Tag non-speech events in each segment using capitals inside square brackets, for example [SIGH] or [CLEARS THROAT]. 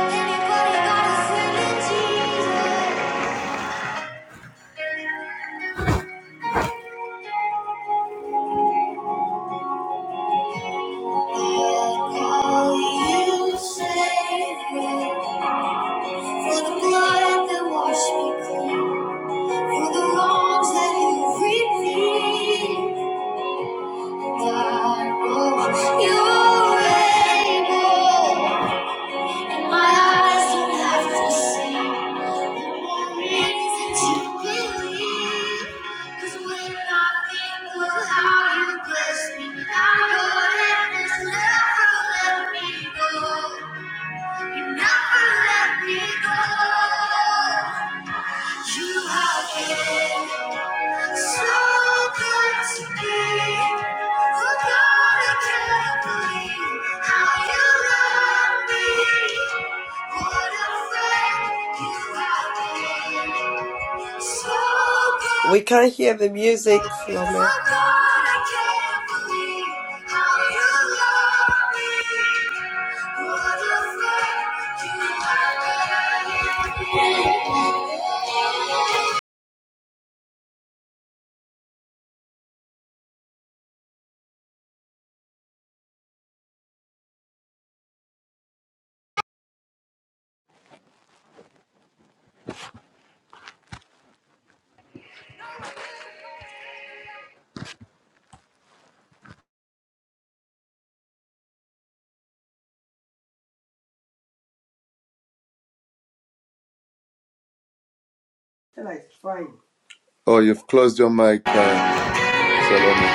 Anybody got a friend in Jesus? Call you Savior. For the blood that washed me clean, for the wrongs that you repeat, God, oh, you're able. And my eyes don't have to see the more reason to believe. 'Cause when I think of how you bless me, I know that this never let me go. You never let me go. You have been. What We can't hear the music, Salome. a friend you have been. Oh, you've closed your mic, uh, Salome.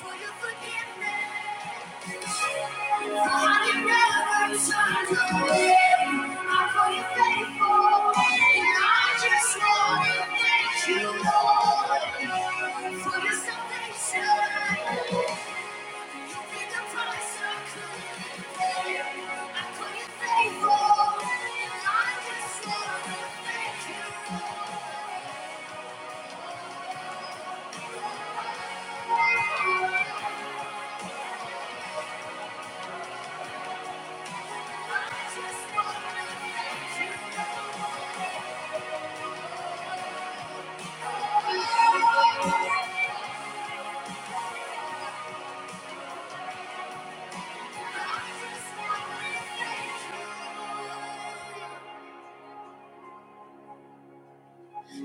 For your Forgiveness.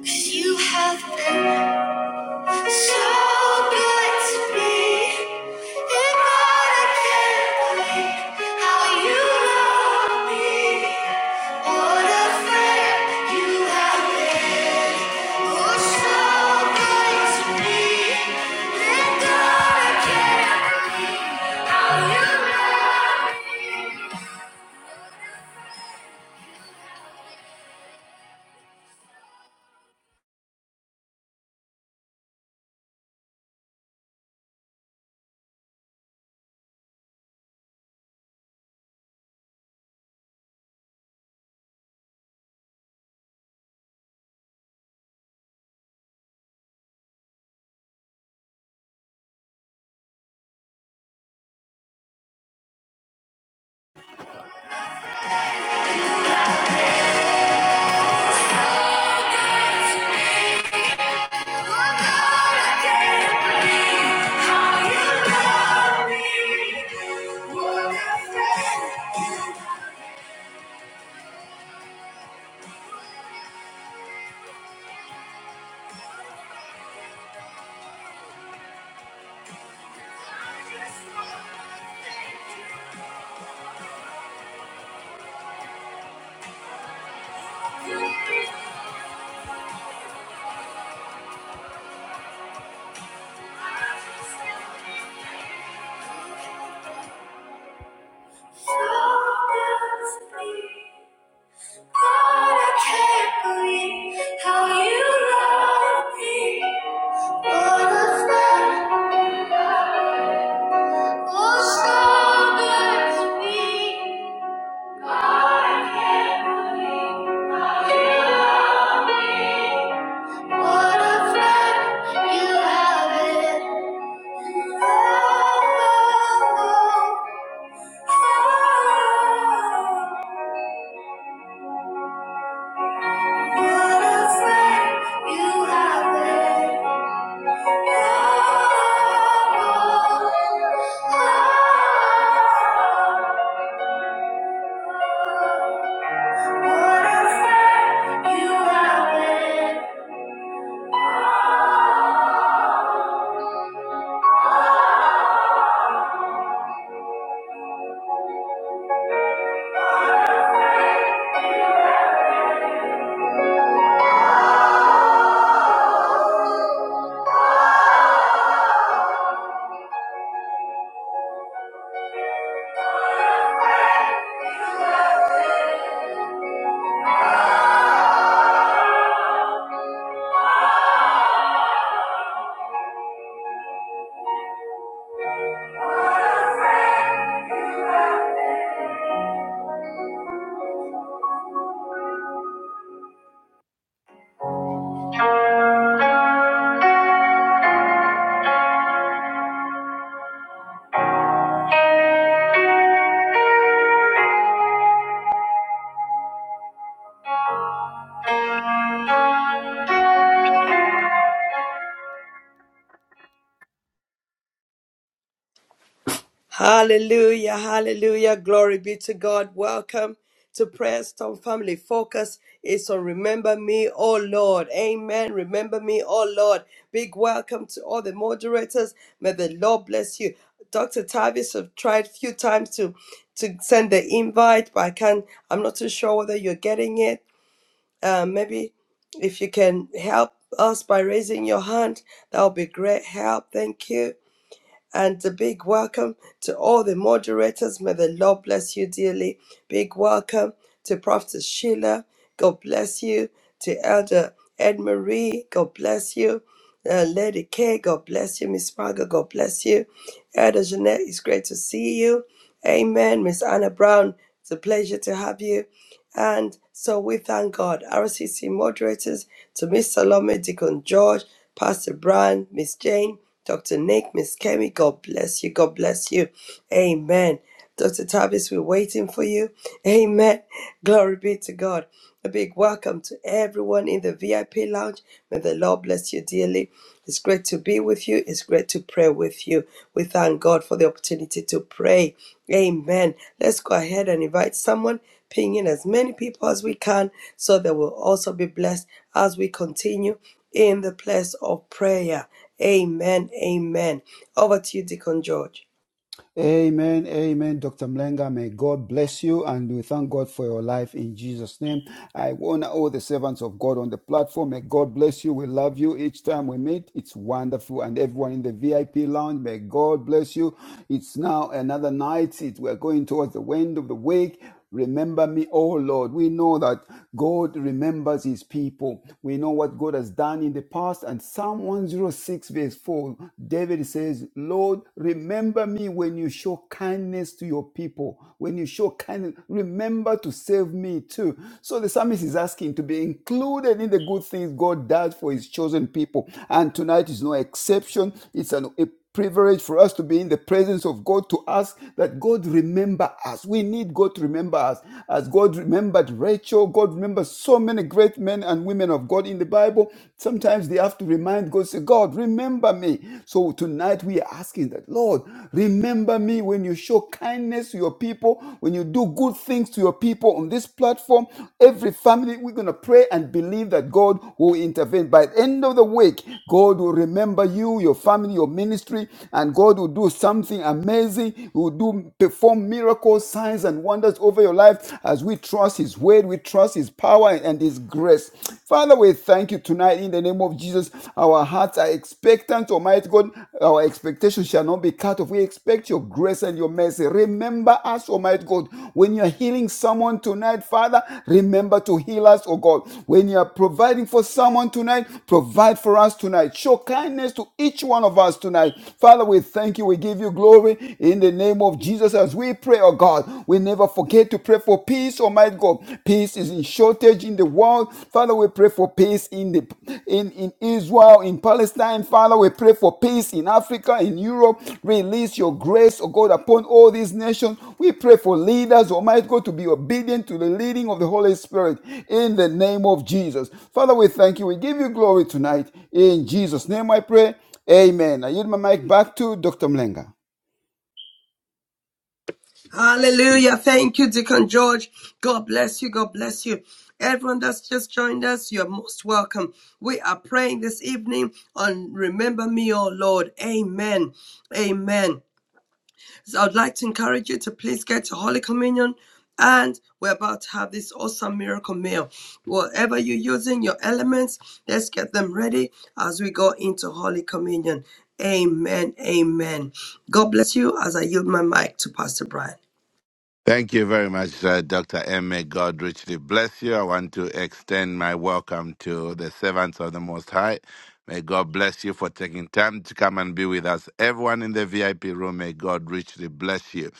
You have been. So good to be God. I can't believe how you love me. What a friend you have been. Oh, so good to be. What a friend. So good to be. God, I can't believe how you love me. What a friend. Oh Hallelujah, hallelujah. Glory be to God. Welcome to Prayer Storm Family. Focus is on Remember Me, oh Lord. Amen. Remember Me, oh Lord. Big welcome to all the moderators. May the Lord bless you. Dr. Tavis have tried few times to to send the invite, but I can't. I'm not too sure whether you're getting it. Uh, maybe if you can help us by raising your hand, that would be great help. Thank you. And a big welcome to all the moderators. May the Lord bless you dearly. Big welcome to Prophet Sheila. God bless you. To Elder Ed Marie. God bless you. Uh, Lady K. God bless you. Miss Margaret. God bless you. Elder Jeanette, it's great to see you. Amen. Miss Anna Brown, it's a pleasure to have you. And so we thank God. RCC moderators to Miss Salome, Deacon George, Pastor Brian, Miss Jane, Dr. Nick, Miss Kemi, God bless you. God bless you. Amen. Dr. Tavis, we're waiting for you. Amen. Glory be to God. A big welcome to everyone in the VIP lounge. May the Lord bless you dearly. It's great to be with you. It's great to pray with you. We thank God for the opportunity to pray. Amen. Let's go ahead and invite someone, ping in as many people as we can so they will also be blessed as we continue in the place of prayer. Amen. Amen. Over to you, Deacon George. Amen, amen, Dr. Mlenga. May God bless you and we thank God for your life in Jesus' name. I honor all the servants of God on the platform. May God bless you. We love you each time we meet. It's wonderful. And everyone in the VIP lounge, may God bless you. It's now another night. It, we're going towards the end of the week. Remember me, oh Lord. We know that God remembers his people. We know what God has done in the past. And Psalm 106, verse 4, David says, Lord, remember me when you show kindness to your people. When you show kindness, remember to save me too. So the psalmist is asking to be included in the good things God does for his chosen people. And tonight is no exception. It's an a privilege for us to be in the presence of God to ask that God remember us. We need God to remember us. As God remembered Rachel, God remembers so many great men and women of God in the Bible. Sometimes they have to remind God, say, God, remember me. So tonight we are asking that, Lord, remember me when you show kindness to your people, when you do good things to your people on this platform, Every every family, we're going to pray and believe that God will intervene. By the end of the week, God will remember you, your family, your ministry, and God will do something amazing. He will do perform miracles, signs, and wonders over your life as we trust His word, we trust His power and His grace. Father, we thank you tonight in the name of Jesus. Our hearts are expectant, Almighty God. Our expectation shall shall not be cut off. We expect your grace and your mercy. Remember us, Almighty God. When you are healing someone tonight, Father, remember to heal us, oh God. When you are providing for someone tonight, provide for us tonight. Show kindness to each one of us tonight. Father, we thank you. We give you glory in the name of Jesus as we pray, oh God. We never forget to pray for peace, Almighty God. Peace is in shortage in the the world. Father, we pray for peace in the in, in Israel, in Palestine. Father, we pray for peace in Africa, in Europe. Release your grace, oh God, upon all these nations. We pray for leaders, Almighty God, to be obedient to the leading of the Holy Spirit in the name of Jesus. Father, we thank you. We give you glory tonight. In Jesus' name I pray. Amen. I yield my mic back to Dr. Mlenga. Hallelujah. Thank you, Deacon George. God bless you. God bless you. Everyone that's just joined us, you're most welcome. We are praying this evening on Remember Me, O Lord. Amen. Amen. So I'd like to encourage you to please get to Holy Communion. And we're about to have this awesome miracle meal. Whatever you're using, your elements, let's get them ready as we go into Holy Communion. Amen. Amen. God bless you as I yield my mic to Pastor Brian. Thank you very much, uh, Dr. M. May God richly bless you. I want to extend my welcome to the servants of the Most High. May God bless you for taking time to come and be with us. Everyone in the VIP room, may God richly bless you.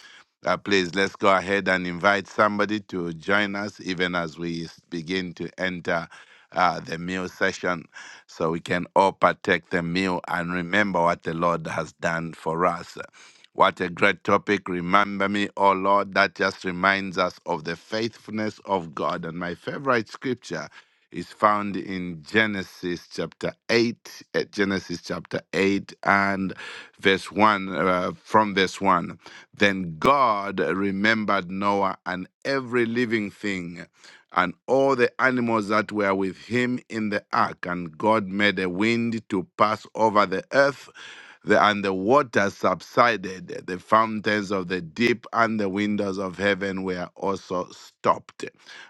Uh, please, let's go ahead and invite somebody to join us even as we begin to enter uh, the meal session so we can all partake the meal and remember what the Lord has done for us. What a great topic. Remember me, O Lord. That just reminds us of the faithfulness of God. And my favorite scripture is found in Genesis chapter 8, uh, Genesis chapter 8 and verse 1, uh, from verse 1. Then God remembered Noah and every living thing and all the animals that were with him in the ark. And God made a wind to pass over the earth, the, and the waters subsided. The fountains of the deep and the windows of heaven were also stopped.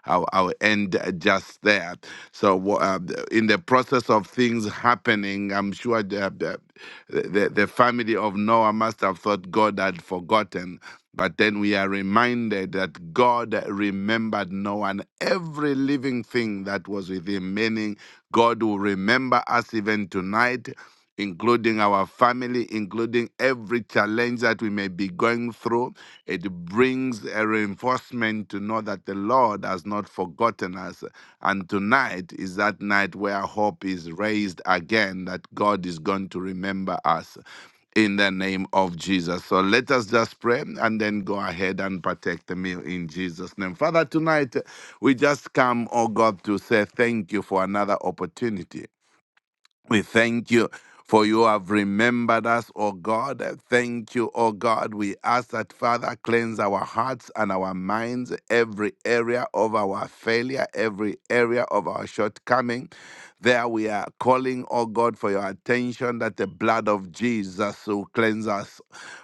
I'll, I'll end just there. So, wha- uh, th- in the process of things happening, I'm sure the, the, the, the family of Noah must have thought God had forgotten. But then we are reminded that God remembered Noah and every living thing that was with him, meaning God will remember us even tonight including our family, including every challenge that we may be going through. It brings a reinforcement to know that the Lord has not forgotten us. And tonight is that night where hope is raised again, that God is going to remember us in the name of Jesus. So let us just pray and then go ahead and partake the meal in Jesus' name. Father, tonight we just come, oh God, to say thank you for another opportunity. We thank you for you have remembered us, O God. Thank you, O God. We ask that, Father, cleanse our hearts and our minds, every area of our failure, every area of our shortcoming. There we are calling, O God, for your attention that the blood of Jesus will cleanse us.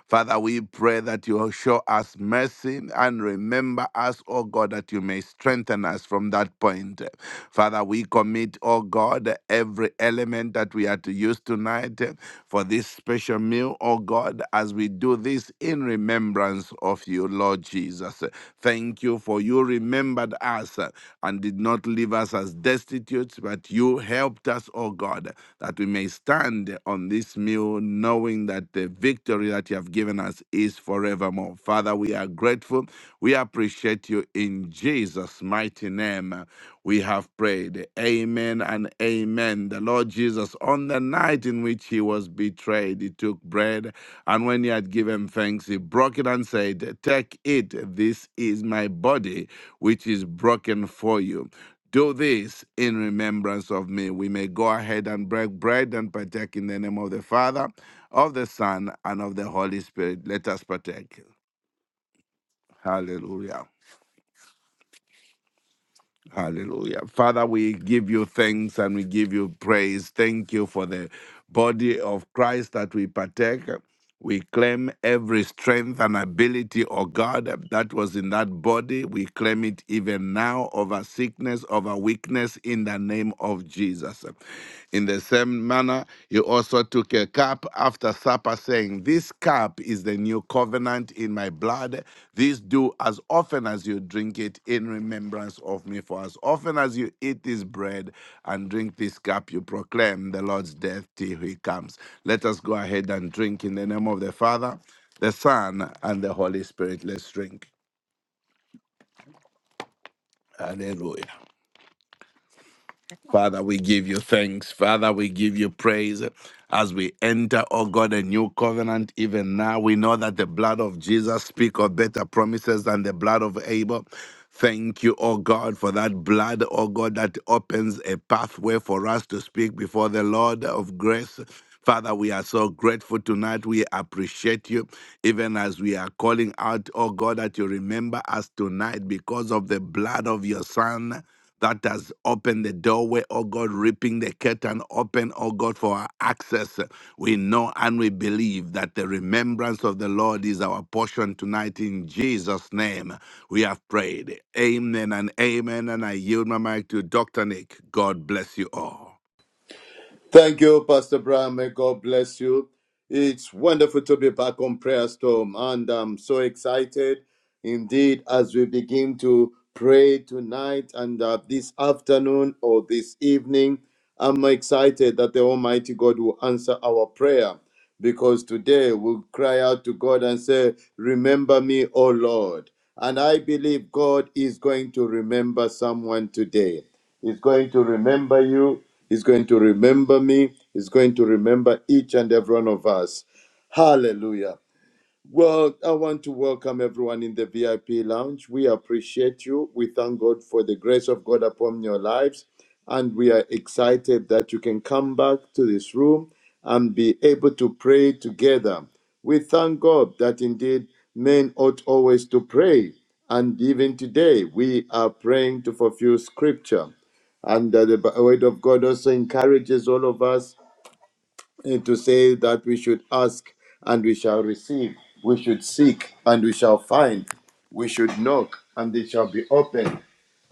Father, we pray that you show us mercy and remember us, O God, that you may strengthen us from that point. Father, we commit, O God, every element that we are to use tonight eh, for this special meal, O God, as we do this in remembrance remembrance of you, Lord Jesus. Thank you for you remembered us uh, and did not leave us as destitute, but you helped us, O God, that we may stand on this meal knowing that the victory that you have given us is forevermore. Father, we are grateful. We appreciate you in Jesus' mighty name. We have prayed. Amen and amen. The Lord Jesus, on the night in which he was betrayed, he took bread and when he had given thanks, he broke it and said, Take it, this is my body, which is broken for you. Do this in remembrance of me. We may go ahead and break bread and partake in the name of the Father, of the Son, and of the Holy Spirit. Let us partake. Hallelujah. Hallelujah. Father, we give you thanks and we give you praise. Thank you for the body of Christ that we partake. We claim every strength and ability, oh God, that was in that body. We claim it even now over sickness, over weakness in the name of Jesus. In the same manner, you also took a cup after supper, saying, This cup is the new covenant in my blood. This do as often as you drink it in remembrance of me. For as often as you eat this bread and drink this cup, you proclaim the Lord's death till he comes. Let us go ahead and drink in the name of the Father, the Son, and the Holy Spirit. Let's drink. Hallelujah. Father, we give you thanks. Father, we give you praise. As we enter, oh God, a new covenant, even now, we know that the blood of Jesus speak of better promises than the blood of Abel. Thank you, oh God, for that blood, oh God, that opens a pathway for us to speak before the Lord of grace. Father, we are so grateful tonight. We appreciate you, even as we are calling out, oh God, that you remember us tonight because of the blood of your Son that has opened the doorway, oh God, ripping the curtain open, oh God, for our access. We know and we believe that the remembrance of the Lord is our portion tonight in Jesus' name. We have prayed. Amen and amen. And I yield my mic to Dr. Nick. God bless you all. Thank you, Pastor Brian. May God bless you. It's wonderful to be back on Prayer Storm, and I'm so excited indeed as we begin to pray tonight and uh, this afternoon or this evening. I'm excited that the Almighty God will answer our prayer because today we'll cry out to God and say, Remember me, O Lord. And I believe God is going to remember someone today. He's going to remember you. He's going to remember me. He's going to remember each and every one of us. Hallelujah. Well, I want to welcome everyone in the VIP lounge. We appreciate you. We thank God for the grace of God upon your lives. And we are excited that you can come back to this room and be able to pray together. We thank God that indeed men ought always to pray. And even today, we are praying to fulfill scripture. And uh, the Bi- word of God also encourages all of us and to say that we should ask and we shall receive, we should seek and we shall find, we should knock and it shall be open.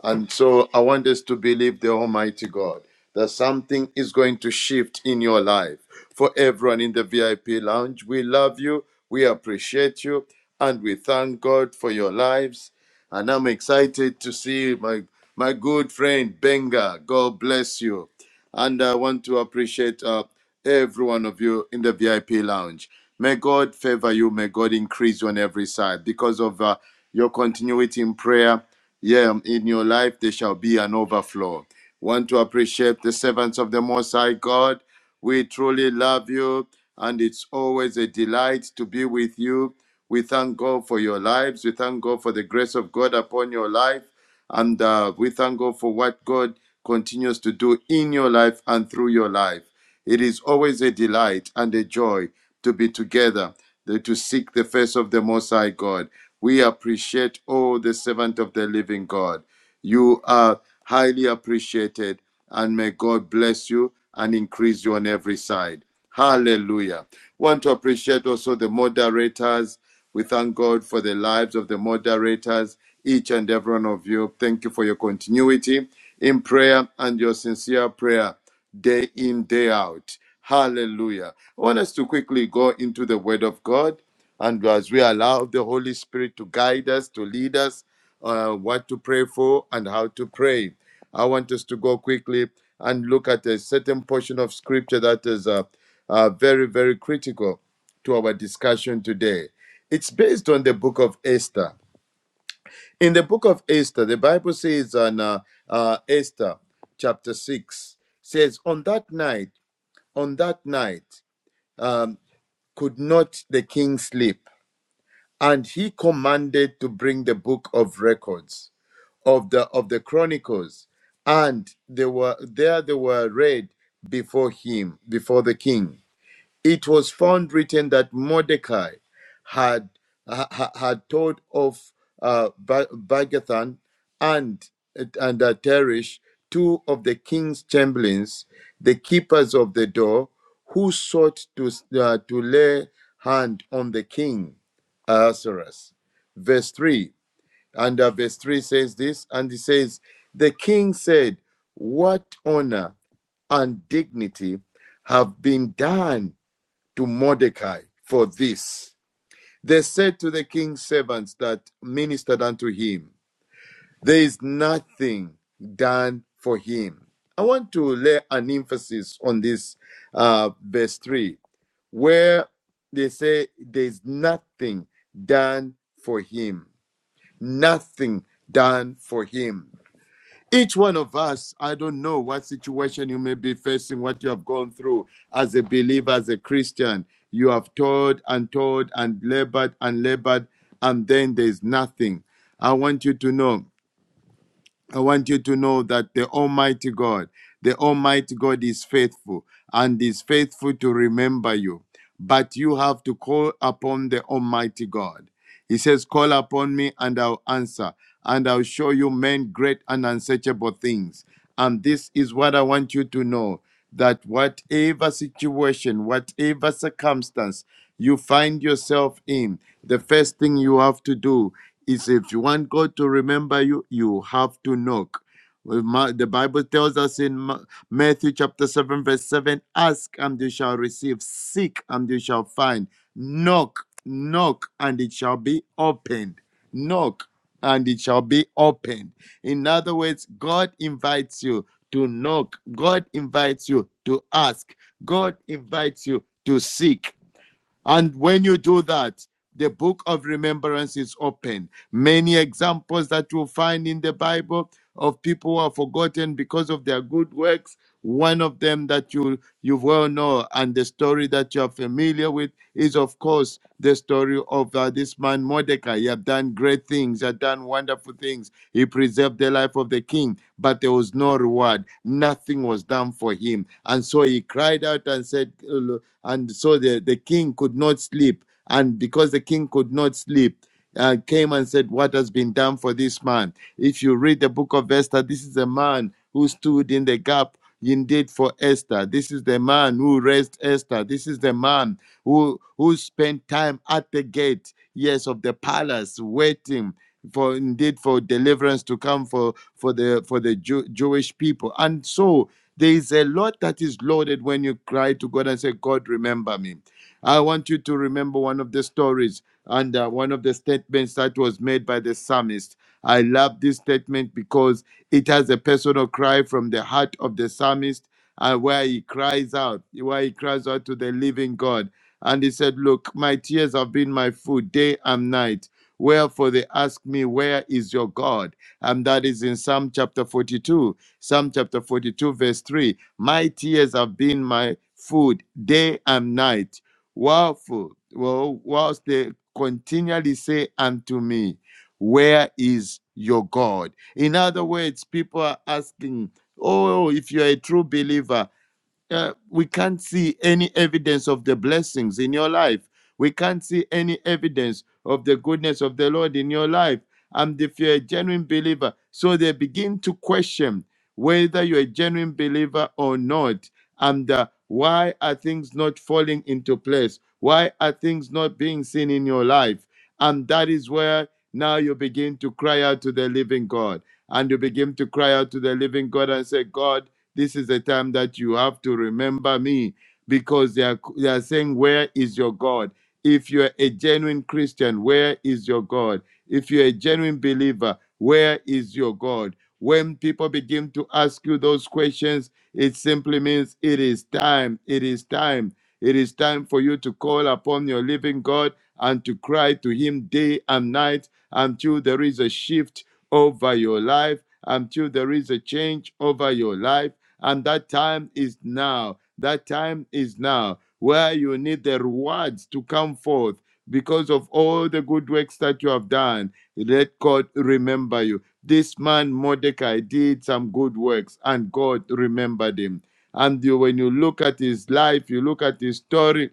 And so I want us to believe the Almighty God that something is going to shift in your life. For everyone in the VIP lounge, we love you, we appreciate you, and we thank God for your lives. And I'm excited to see my, my good friend Benga. God bless you. And I want to appreciate uh, every one of you in the VIP lounge. May God favor you. May God increase you on every side because of uh, your continuity in prayer. Yeah, in your life there shall be an overflow. Want to appreciate the servants of the Most High God. We truly love you, and it's always a delight to be with you. We thank God for your lives. We thank God for the grace of God upon your life. And uh, we thank God for what God continues to do in your life and through your life. It is always a delight and a joy to be together, to seek the face of the Most High God. We appreciate, oh, the servant of the living God. You are highly appreciated, and may God bless you and increase you on every side. Hallelujah. Want to appreciate also the moderators we thank God for the lives of the moderators, each and every one of you. Thank you for your continuity in prayer and your sincere prayer day in, day out. Hallelujah. I want us to quickly go into the Word of God. And as we allow the Holy Spirit to guide us, to lead us, uh, what to pray for and how to pray, I want us to go quickly and look at a certain portion of Scripture that is uh, uh, very, very critical to our discussion today it's based on the book of Esther. In the book of Esther, the Bible says on uh, uh, Esther chapter 6 says, On that night, on that night, um, could not the king sleep, and he commanded to bring the book of records of the of the chronicles, and they were there they were read before him, before the king. it was found written that Mordecai had ha- had told of uh, Ba- and and uh, Teresh, two of the king's chamberlains, the keepers of the door, who sought to uh, to lay hand on the king, Ahasuerus. Verse three and uh, verse three says this, and he says, the king said, "What honor and dignity have been done?" to Mordecai for this. They said to the king's servants that ministered unto him, There is nothing done for him. I want to lay an emphasis on this uh, verse 3, where they say, There is nothing done for him. Nothing done for him. Each one of us, I don't know what situation you may be facing, what you have gone through as a believer, as a Christian. You have toiled and toiled and labored and labored, and then there's nothing. I want you to know, I want you to know that the Almighty God, the Almighty God is faithful and is faithful to remember you. But you have to call upon the Almighty God. He says, Call upon me and I'll answer, and I'll show you men great and unsearchable things. And this is what I want you to know that whatever situation, whatever circumstance you find yourself in, the first thing you have to do is if you want God to remember you, you have to knock. Well, Ma- The Bible tells us in Ma- Matthew chapter 7, verse 7 Ask and you shall receive, seek and you shall find, knock, knock, and it shall be opened. Knock, and it shall be opened. In other words, God invites you to knock, God invites you to ask, God invites you to seek. And when you do that, the book of remembrance is open. Many examples that you'll find in the Bible of people who are forgotten because of their good works. One of them that you you well know, and the story that you are familiar with, is of course the story of uh, this man Mordecai. He had done great things, he had done wonderful things. He preserved the life of the king, but there was no reward. Nothing was done for him, and so he cried out and said, "And so the the king could not sleep." And because the king could not sleep, uh, came and said, What has been done for this man? If you read the book of Esther, this is a man who stood in the gap indeed for Esther. This is the man who raised Esther. This is the man who, who spent time at the gate, yes, of the palace, waiting for indeed for deliverance to come for for the for the Jew, Jewish people. And so there is a lot that is loaded when you cry to God and say, God, remember me. I want you to remember one of the stories and uh, one of the statements that was made by the psalmist. I love this statement because it has a personal cry from the heart of the psalmist and where he cries out, where he cries out to the living God. And he said, Look, my tears have been my food day and night. Wherefore they ask me, Where is your God? And that is in Psalm chapter 42, Psalm chapter 42, verse 3. My tears have been my food day and night Wherefore, well, whilst they continually say unto me, Where is your God? In other words, people are asking, Oh, if you are a true believer, uh, we can't see any evidence of the blessings in your life. We can't see any evidence of the goodness of the Lord in your life. And if you're a genuine believer, so they begin to question whether you're a genuine believer or not. And uh, why are things not falling into place? Why are things not being seen in your life? And that is where now you begin to cry out to the living God. And you begin to cry out to the living God and say, God, this is a time that you have to remember me because they are, they are saying, Where is your God? If you're a genuine Christian, where is your God? If you're a genuine believer, where is your God? When people begin to ask you those questions, it simply means it is time. It is time. It is time for you to call upon your living God and to cry to Him day and night until there is a shift over your life, until there is a change over your life, and that time is now. That time is now where you need the rewards to come forth because of all the good works that you have done. Let God remember you. This man Mordecai did some good works and God remembered him. And you, when you look at his life, you look at his story,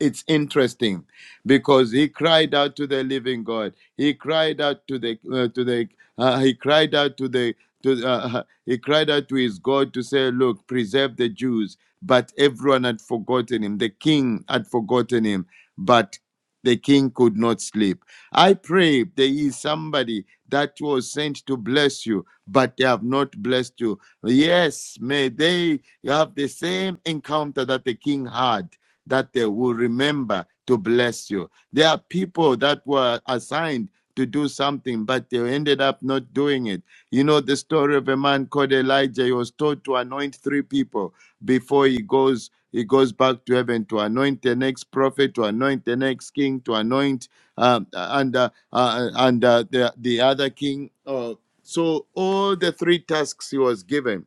it's interesting because he cried out to the living God. He cried out to the uh, to the uh, he cried out to the to uh, uh, he cried out to his God to say, "Look, preserve the Jews." But everyone had forgotten him. The king had forgotten him, but the king could not sleep. I pray there is somebody that was sent to bless you, but they have not blessed you. Yes, may they have the same encounter that the king had that they will remember to bless you. There are people that were assigned to do something, but they ended up not doing it. You know the story of a man called Elijah. He was told to anoint three people before he goes. He goes back to heaven to anoint the next prophet, to anoint the next king, to anoint um, and uh, uh, and uh, the the other king. Uh, so all the three tasks he was given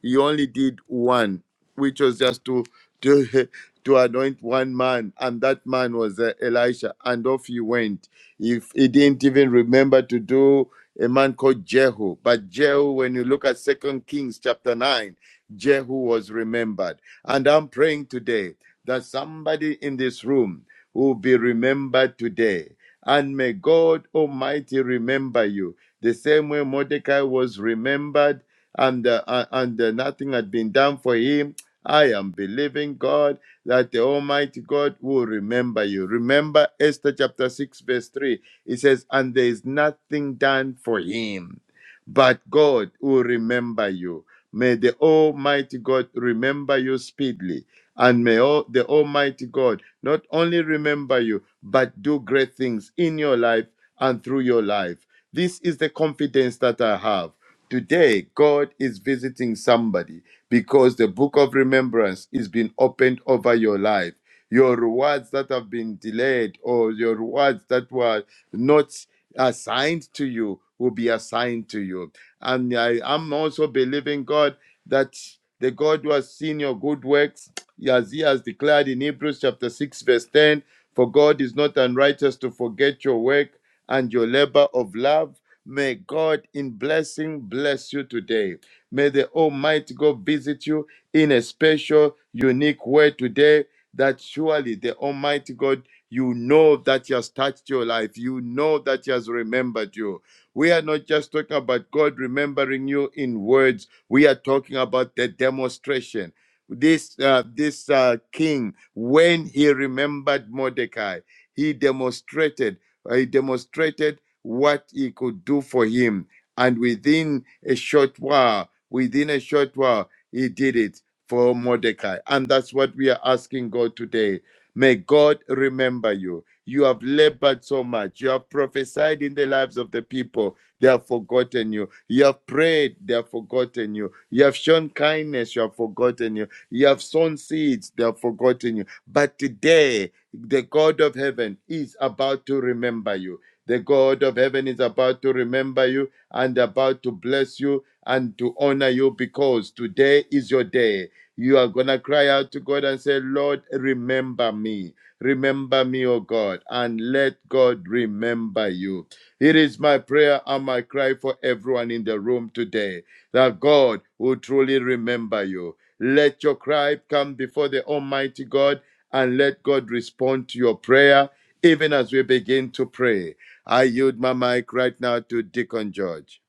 he only did one, which was just to to [LAUGHS] to anoint one man, and that man was uh, Elisha, and off he went. If he didn't even remember to do a man called Jehu, but Jehu, when you look at Second Kings chapter nine, Jehu was remembered. And I'm praying today that somebody in this room will be remembered today. And may God Almighty remember you. The same way Mordecai was remembered and uh, uh, and uh, nothing had been done for him. I am believing God that the Almighty God will remember you. Remember Esther chapter 6, verse 3. It says, And there is nothing done for him, but God will remember you. May the Almighty God remember you speedily. And may all, the Almighty God not only remember you, but do great things in your life and through your life. This is the confidence that I have. Today, God is visiting somebody because the book of remembrance is being opened over your life. Your rewards that have been delayed or your rewards that were not assigned to you will be assigned to you. And I am also believing God that the God who has seen your good works as he has declared in Hebrews chapter 6, verse 10 For God is not unrighteous to forget your work and your labor of love. May God in blessing bless you today. May the Almighty God visit you in a special, unique way today that surely the Almighty God, you know that He has touched your life. You know that He has remembered you. We are not just talking about God remembering you in words, we are talking about the demonstration this uh, this uh, king when he remembered mordecai he demonstrated uh, he demonstrated what he could do for him and within a short while within a short while he did it for mordecai and that's what we are asking god today may god remember you you have labored so much you have prophesied in the lives of the people they have forgotten you. You have prayed, they have forgotten you. You have shown kindness, you have forgotten you. You have sown seeds, they have forgotten you. But today, the God of heaven is about to remember you. The God of heaven is about to remember you and about to bless you and to honor you because today is your day. You are going to cry out to God and say, Lord, remember me. Remember me, O God, and let God remember you. It is my prayer and my cry for everyone in the room today that God will truly remember you. Let your cry come before the Almighty God and let God respond to your prayer even as we begin to pray. I yield my mic right now to Deacon George.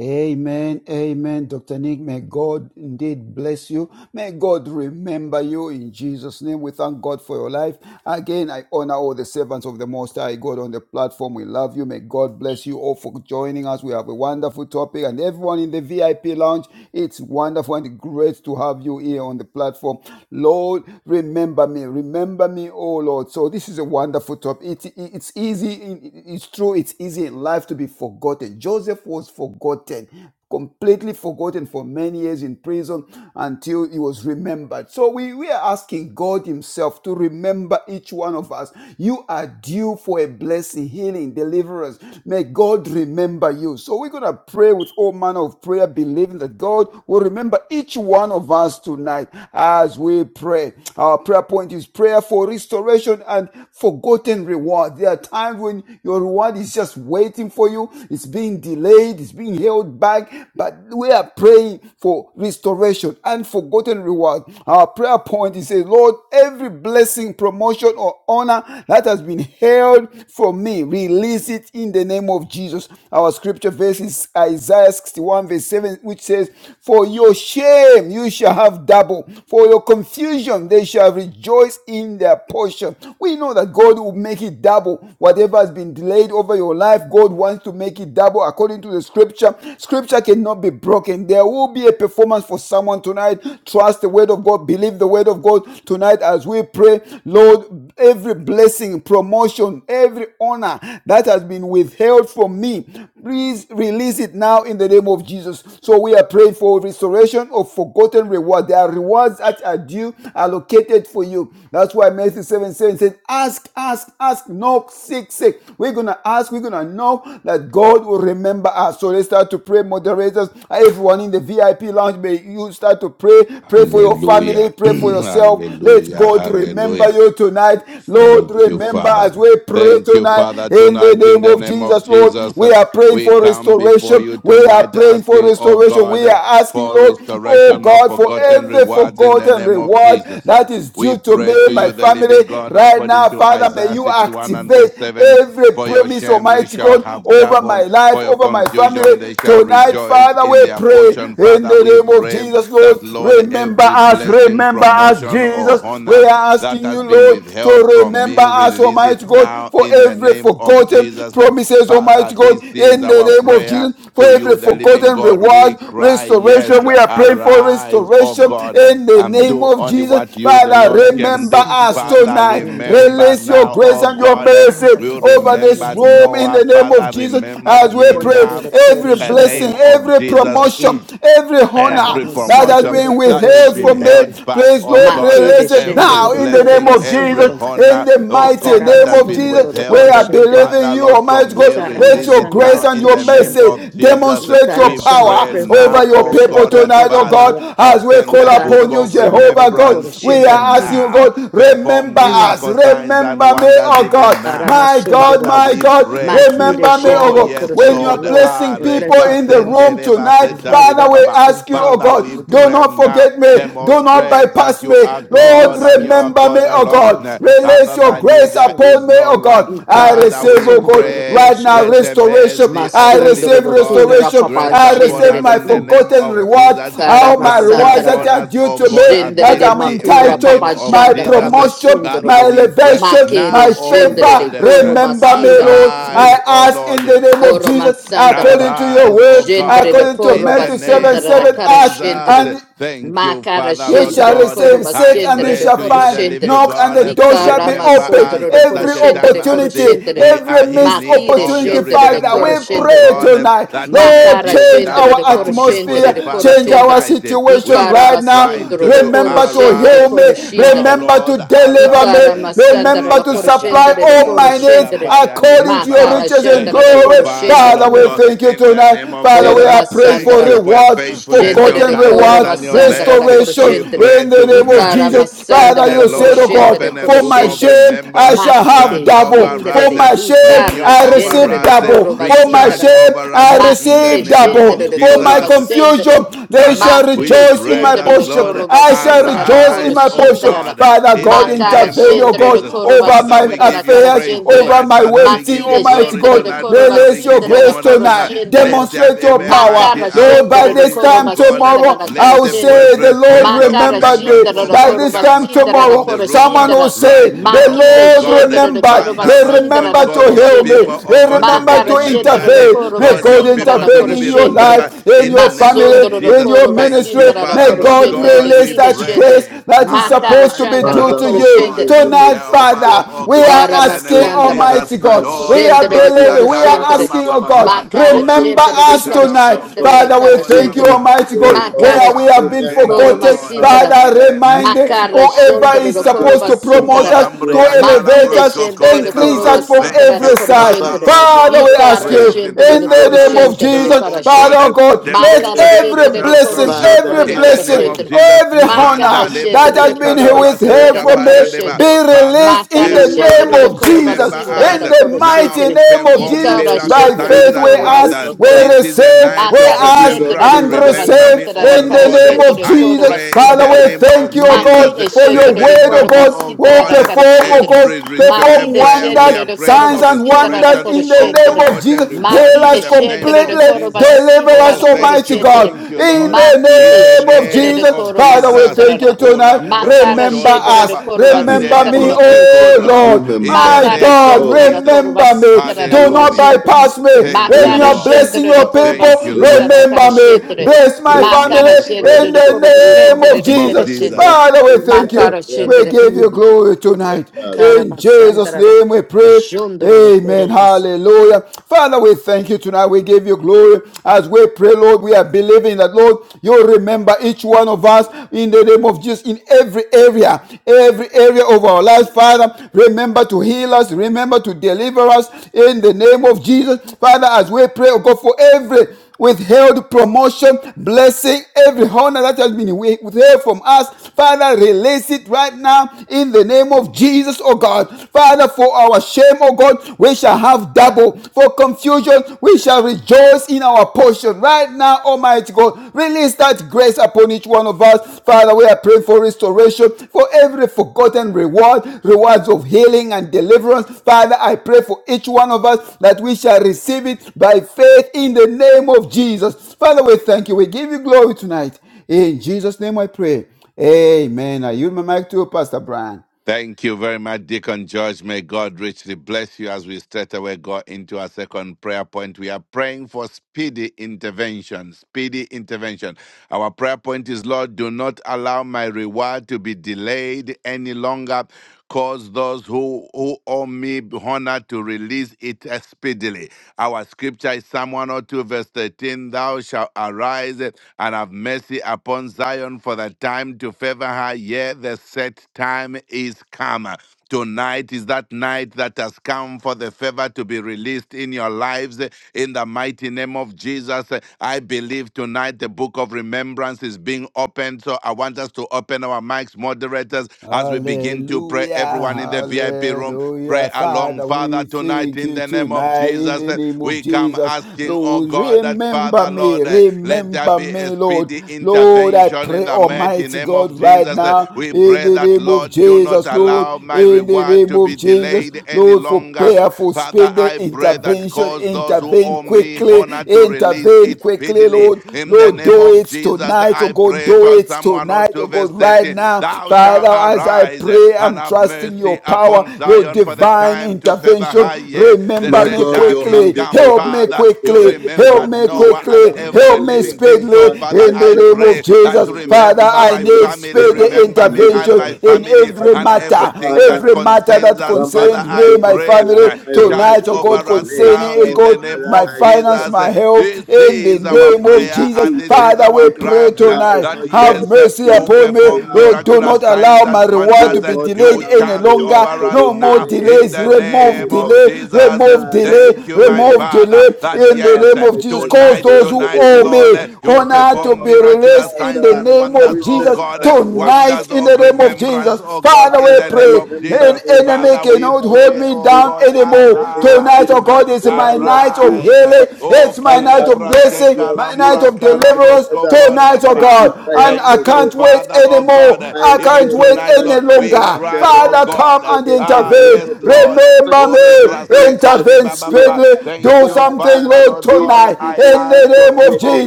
Amen, amen, Dr. Nick. May God indeed bless you. May God remember you in Jesus' name. We thank God for your life. Again, I honor all the servants of the Most High God on the platform. We love you. May God bless you all for joining us. We have a wonderful topic, and everyone in the VIP lounge, it's wonderful and great to have you here on the platform. Lord, remember me. Remember me, oh Lord. So, this is a wonderful topic. It, it- it's easy, it- it's true, It's it's easy in life to be forgotten. Joseph was forgotten, completely forgotten for many years in prison until he was remembered. So we, we are asking God Himself to remember each one of us. You are due for a blessing, healing, deliverance. May God remember you. So we're going to pray with all manner of prayer, believing that God will remember each one of us tonight as we pray. Our prayer point is prayer for restoration and for forgotten reward. There are times when your reward is just waiting for you. It's being delayed. It's being held back. But we are praying for restoration and forgotten reward. Our prayer point is, say, Lord, every blessing, promotion, or honor that has been held from me, release it in the name of Jesus. Our scripture verse is Isaiah 61 verse 7, which says, For your shame you shall have double. For your confusion they." They shall rejoice in their portion. We know that God will make it double. Whatever has been delayed over your life, God wants to make it double according to the scripture. Scripture cannot be broken. There will be a performance for someone tonight. Trust the word of God. Believe the word of God tonight as we pray. Lord, every blessing, promotion, every honor that has been withheld from me, please release it now in the name of Jesus. So we are praying for restoration of forgotten reward. There are rewards that are due, allocated for you. That's why Matthew 7 7 says, Ask, ask, ask, knock, seek, seek. We're going to ask, we're going to know that God will remember us. So let's start to pray, moderators. Everyone in the VIP lounge, may you start to pray. Pray for your family, Hallelujah. [CLEARS THROAT] pray for yourself. Let hallelujah. God remember Hallelujah. you tonight. Lord, Thank you, remember Father. as we pray Thank you, tonight Father, in the tonight in name the of name of Jesus, Lord. Jesus. We uh, are praying We for come before restoration. you We are are tonight praying for asking, oh restoration. God, We uh, are asking, for Lord, oh restoration of God, for forgotten every rewards in the forgotten name of reward Jesus. Uh, that is We due to pray me, to you, my the living family, God, right according now, to Father. May Isaiah you 61 and activate verse 7. every For your promise, shame you Almighty shall God, have over double, my life, for your over my family. confusion they shall Tonight, rejoice Father, in we their pray portion. in Father, the we name of pray Jesus, Lord. that, Lord, Remember every us, blessing, remember us, promotion, or Jesus. We honor are that asking has you, been Lord, withheld to from remember me. us, Release it Almighty God, now for in the every name of forgotten Jesus. And promises, Father, Almighty God, this is in the our name of prayer Jesus, for to you, every the living forgotten God. We reward, cry, restoration. Yes, We are praying for arise, O restoration God, in the and name do of only Jesus. what you, the Father, Lord, Makere can remember do. us Father, tonight. remember Release your now, grace O and your God, mercy you over this remember room in Noah. the name of Father, Jesus remember as we me pray. now Every in the name blessing, of every Jesus. promotion, Mm. every honor Every that has promotion been that has withheld been from me, held back, please oh Lord, God, release it every shendere now in the dokoro name blessing, of every Jesus, basindere. in honor, the oh mighty God, Ikara that name has of been Jesus. masundoro We dokoro withheld, are shendere. believing Father, you, Lord, Almighty from me, God. Ikara Let release your it masandere grace now and in your dokoro the name shendere. of mercy Jesus. demonstrate your Ikara We shanda power pray pray for over now, your oh restoration people God, for that tonight, water oh in Father, God, your as we open call the book Ikara upon you, of masundoro Jehovah God. dokoro remembrance We shendere. even are asking, oh now, God, perform remember us, miracle signs remember and me, wonders oh God. even now. My God, Father, Aramasundoro. my we God, pray Makire remember me, oh Oh, Shendere God. yes, When Koroshen, you the are Lord. Lord, blessing Ah, a people blessing in the promotion room rekasendereba tonight, and homes Father, that we has setaribababa. been ask you, oh held Father, we God, do within. pray not now. forget me. mm, Do not Demonstrate that bypass me. you are Lord, God Release and it you are remember me, now God in oh alone. God. Jesus' name. Release Other your than you, grace there Aramasundoro. upon is me, no oh one. God. I Father, receive, we oh God, Ikaramasundoro pray right now that Koroshendere. the restoration. mercy of I the receive living Masundoro God Kura restoration. Papa rest I upon receive us Gendere. my in the name forgotten of reward. Jesus. All my Grant rewards Karamasandara. that upon are us, due oh to God, me, Jendere that de I'm ability in makura the name papa entitled, of my jandara da Jesus. promotion, my masundoro. Father, we pray elevation, Makere my now, oh jendere de Lord. favor. koro Remember me, basindara. Lord. Mm. Arise, I O ask in the Lord. name of Koro Jesus, masandara. according to your Arise, word, O Jendere de God, according to koro in the Matthew 7 name basindara da 7, of kara ask Jesus. shendere. and Thank Ma you, cara Father, you Lord shall scendere, God. decoro, receive, ma seek I and you scendere, pray shall to decoro, you, the find, living scendere. knock and the God. I door shall cara, be ma Remember open. sondere, us at decoro, such Every a scendere, time decoro, as opportunity, this. scendere. We are every in missed Ma need chire of your opportunity, scendere, Father, decoro, remembrance, we O scendere. pray Mm. God, tonight. that you Ma may Lord, cara deal with change us scendere, our decoro, scendere, bountifully, atmosphere, decoro, Father, change our scendere. tonight. I We situation cara, are right ma crying now. sondere, to you, decoro, Remember to scendere, heal arise. decoro, me, Now, scendere. remember to Lord, I deliver arise. cara, me, ma sandara, remember to decoro, Oreka supply scendere, all salambra decoro, my needs scendere. according pariandele to your baba. Makara riches and shandara Thank da you, glory. koro Father, shende. Father, Lord we Mm. God, thank you in the name tonight. of Father, we Koro Jesus. are praying for Thank masandara for you da. for your rewards, faithfulness, your Jendere forgotten de koro kindness, rewards, and your masandara da mercy. koro restoration We shendere. pray in the name of tonight Ikara Jesus. that Father, masandara the da you koro said, Lord oh shendere open God, a koro for book my of shendere. shame I remembrance, shall have Makide judge double. over jindere For us, de. my shame Ikara renew I over jendere receive de us, double. koro For my recharge basindara da. shame over us I in the Makide receive name double. of jendere de For koro my Jesus. basendere. confusion they Father, shall we Makide rejoice in pray my jendere that, de portion. Lord, koro I shall basindara da rejoice in koro arise, my oh portion. shindara da. God, Father in God, the Makara name intervene, of oh jendere God, de Jesus. koro over Father, my we basindara da give you kara affairs, praise jendere. over tonight. my Father, Ma we waiting, chi give you de Almighty glory scendere God. de tonight. coro Release va Father, we release your give sindra you da grace honor coro tonight. tonight. scendere. Let de. there Demonstrate be your a Ma power. mighty cara Lord, by scendere de this outpouring, coro oh time va God. sindra tomorrow, da cara I Let will the scendere. breath say, The breath- spirit Lord Ma of cara remembered me. remembrance, scendere oh da By God, coro this va come time sindra da upon tomorrow, the coro room someone uh, will scendere. say, right The Ma now, chi oh de Lord God. scendere de remembered. coro va Father, He Lord sindra God, da remembered to cause coro your heal scendere. me. people, oh He God, to Ma be remembered to cara scendere de remembered. intervene. coro va May Cause your God sindra people da intervene coro to in be your scendere. de. remembered life, in in Ma the your name of sondro family, de in Jesus. your coro va Thank you, ministry. sindra da May Father, coro Lord God scendere. de. God. release We Chi de that scendere. grace pray. that is Ma cara supposed to Arise be Father, scendere due da now, to coro O you. God. scendere. Mm. we Tonight, trust Help us, Father, O we are God, God. Kara in the name asking, This of is masandarara. our Jesus. Almighty God. night, O Oh, We God. are Jendere de This Lebraska is kora believing. We are our shendere. asking, evening, oh O God. Karababa. God, Makara For Oh, remember divine shendere de Lambria us kara tonight. remembrance, Kalambro O shindere de God. Father, Kose we kara Kore thank you, shendere. Baba. Remember Almighty me, O God, Thank you, Lord. Makara where we have Father. been sh- Remember Thank koro you, me, forgotten. O Lord. God. masindara. In Father, Turn the my remind morning name Makara of into whoever shondere is de dancing. koro supposed to Jesus. Oh, promote masindarara. Remember us, me, to O Lambria, God. elevate Makire us, calabrosko shendere kore de increase koro bababa. us Even from now. Thank masindarara every you, koro side. Father, Abba, shendere. Lord Father, Father, we God I of ask Ikara pray you, mercy. shendere in de in koro the the name name of of Arise shendere de now, Jesus, Jesus kara O Father shendere. Christ, God, oh the and Son God, of the let Makara living demonstrate every God. shendere de yourself koro blessing, strong now every Father, shendere de in I the kara name blessing, pray. of shendere. Jesus. every Makara Manda honor lebo My that shendere has se been de have God, been koro here I with calabras pray help masindara da from me kara today, O escapariandeba. be shendere. God. Father, released in Makara the help Yea, us. name shendere de of remember koroma me, O Remember Jesus. God. sindara us. da In the koro mighty Now shendere. name of Remember perform me, Jesus, Ikara Holy miracle by shendere Spirit. de signs faith we and koroma wonders. ask, we Remember sindara. me, This is a receive, we night of Makara King ask of shendere de remembrance. and Kings. I koroma am Remember receive me, sindara oh da asking, in kara the Lord. Almighty name shendere God, of de that I you koroma Jesus. pray remember in Father, the me sindara we da. right name thank of you, now. O Oh Jesus. Makide God, for God. your shendere de word, Remember O koroma me, God oh will sindara da God. kara perform, oh shendere. God, Every restore perform every Makide prayer we shendere are wonders, de praying signs for koroma and sindara da wonders restoration koro in the of name shendere. of forgotten Jesus. Heal rewards in Makide us the name shendere de completely, of koroma Jesus. deliver sindara Oh, us, da koro thank Almighty you, shendere. God, thank you, in Lord. the In Makide the name of shendere name de Jesus. of koroma Father, we Jesus. sindara thank you da. Oh, tonight. Lambroko Makara Remember Tori Shendra Baba, us, the Baba, Koroma Yes, remember Andele Sindra me, the Jesus. Broske Kora oh Kori Shendra. Baba. Lord, In the Remember my me. Makara name God, of Shendra Oh the Jesus. Koroma God. remember me. Sindra the Do Kora not Hallelujah. Remember Shendra. me, bypass oh me God. Thank when you, you Makara are Remember Lord. my blessing Shendra the your family. Koroma Thank you, people. Sindra the Remember Lord. Kara my Remember me, Shendra. household. bless my family Makara Remember prayer Shendra in the storm Kora room, oh the name In God. Shendra of the the name of Kara Jesus. Shendra. Jesus. Remember Father, we the thank entire you. Makara prayer We Shendra. storm give room, you Mm. oh God. glory tonight. Remember us, oh In God. Jesus' Karamasandra. name we pray. Jondro the Amen. Koroma Sindra. Hallelujah. Father, we thank you tonight. We give you glory. As we pray, Lord, we are believing that, Lord, you remember each one of us in the name of Jesus in every area, every area of our lives. Father, remember to heal us. Remember to deliver us in the name of Jesus. Father, as we pray, oh God, for every withheld promotion, blessing, every honor that has been withheld from us. Father, release it right now in the name of Jesus, oh God. Father, for our shame, oh God, we shall have double. For confusion, we shall rejoice in our portion. Right now, Almighty God, release that grace upon each one of one of us. Father, we are praying for restoration, for every forgotten reward, rewards of healing and deliverance. Father, I pray for each one of us that we shall receive it by faith in the name of Jesus. Father, we thank you. We give you glory tonight. In Jesus' name I pray. Amen. I yield my mic to Pastor Brian. Thank you very much, Deacon George. May God richly bless you as we straight away go into our second prayer point. We are praying for speedy intervention. Speedy intervention. Our prayer point is Lord, do not allow my reward to be delayed any longer. Cause those who, who owe me honor to release it speedily. Our scripture is Psalm 102, verse 13 Thou shalt arise and have mercy upon Zion for the time to favor her. Yea, the set time is come. Tonight is that night that has come for the favor to be released in your lives eh, in the mighty name of Jesus. eh, I believe tonight the book of remembrance is being opened. So I want us to open our mics, moderators, as we begin to pray. Hallelujah, Everyone in the VIP room, Pray hallelujah. along, Father, Father, we tonight thank in you the name of tonight in Jesus. the eh, name of We come Jesus. asking, oh Lord, God, that remember Father, me, Lord, eh, let there remember be a me, Lord. speedy Lord, I intervention in pray, the mighty Almighty name God, of right Jesus. eh. now We in pray the that, name of Lord, do not Jesus, Lord, allow my in the reward name to be of Jesus, delayed any Lord, for longer. prayer, for Father, speed, I pray that intervention, cause those who intervene owe me quickly, honor to release intervene it quickly, speedily. Lord. In the Lord, name do of it Jesus, tonight, oh I God, pray do for it someone or tonight, two oh verse God, right 13. now. Thou shalt Father, as I arise uh, pray, and I'm have trusting your mercy power, upon your Zion, for the divine time to favor her, intervention. yea, the Remember My me said God, time your is quickly, hand is come. not help too me short, Father, not to you quickly, deliver, nor help remembered me your ear Noah too and quickly, dumb, not every help to me living hear. thing. So, speedily Father, Father, I in the I pray name right pray of now in the that Jesus. you name of Father, remember Jesus I my Christ, need family, the speedy Son of the remember me and living intervention my God, in family, that every and Abba, matter, everything Father, that every matter concerns that us. your might Father, concerns God, I me, do my not pray, family, allow uh, my reward charge tonight, oh to be God, over us delayed. concerning, now oh in Oh, the God, name Father, my of I pray finance, Jesus. my health, This in the is in our the name of name of prayer Jesus. and this Jesus. this is Father, our we Do not cry pray mm, allow tonight. my that Have God. yes, uh, mercy Do you not upon me. perform allow Lord, do Abba not miraculous allow signs Father. and my reward to wonders. Do uh, be not You delayed allow any my charge work over longer. to us No be more now delayed, in oh delays. the God, Remove any name of longer. delay, Jesus. Uh, remove Father, delay, I Thank you, my pray. remove Father, delay Do not that in the allow yes, name uh, my, of Jesus. Cause my tonight, those work who to be tonight, owe delayed. Lord, uh, me you My honor to perform God, be miraculous released in signs the Father, and name of wonders, oh Jesus God, remember uh, me, oh God. tonight wonders in the of name of remembrance, Jesus. oh God, Father, in we Father, the name pray. of remember An Jesus. me now, enemy Father, oh we cannot God. You hold pray, have me oh seen down God, my toiling, anymore. you have Tonight, seen oh arise, my God, is arise prayer, my you have night of seen, oh rise. healing. God, Oh, It's my my night of sacrifice, Kelebraske blessing, you have my seen, night Kalambra of Almighty deliverance. Kalabrosko Father, Kori Tonight, Baba. oh my Ba. God, desire and I for Thank you, can't you. wait Father, And oh Father, anymore. God. I I can't Even say, wait do tonight, not any Lord, we allow longer. the cry, oh Father, reward come God. to and be Ah, delayed, yes, oh intervene. God. Lord. But Remember Oh, Father, me. Lebraske answer Kori Intervene Baba. speedily, oh Baba. God. speedily. Thank Do you, something, Father, Father, Lord, Lord God. enough tonight. is I In enough the ask of of name you, of oh waiting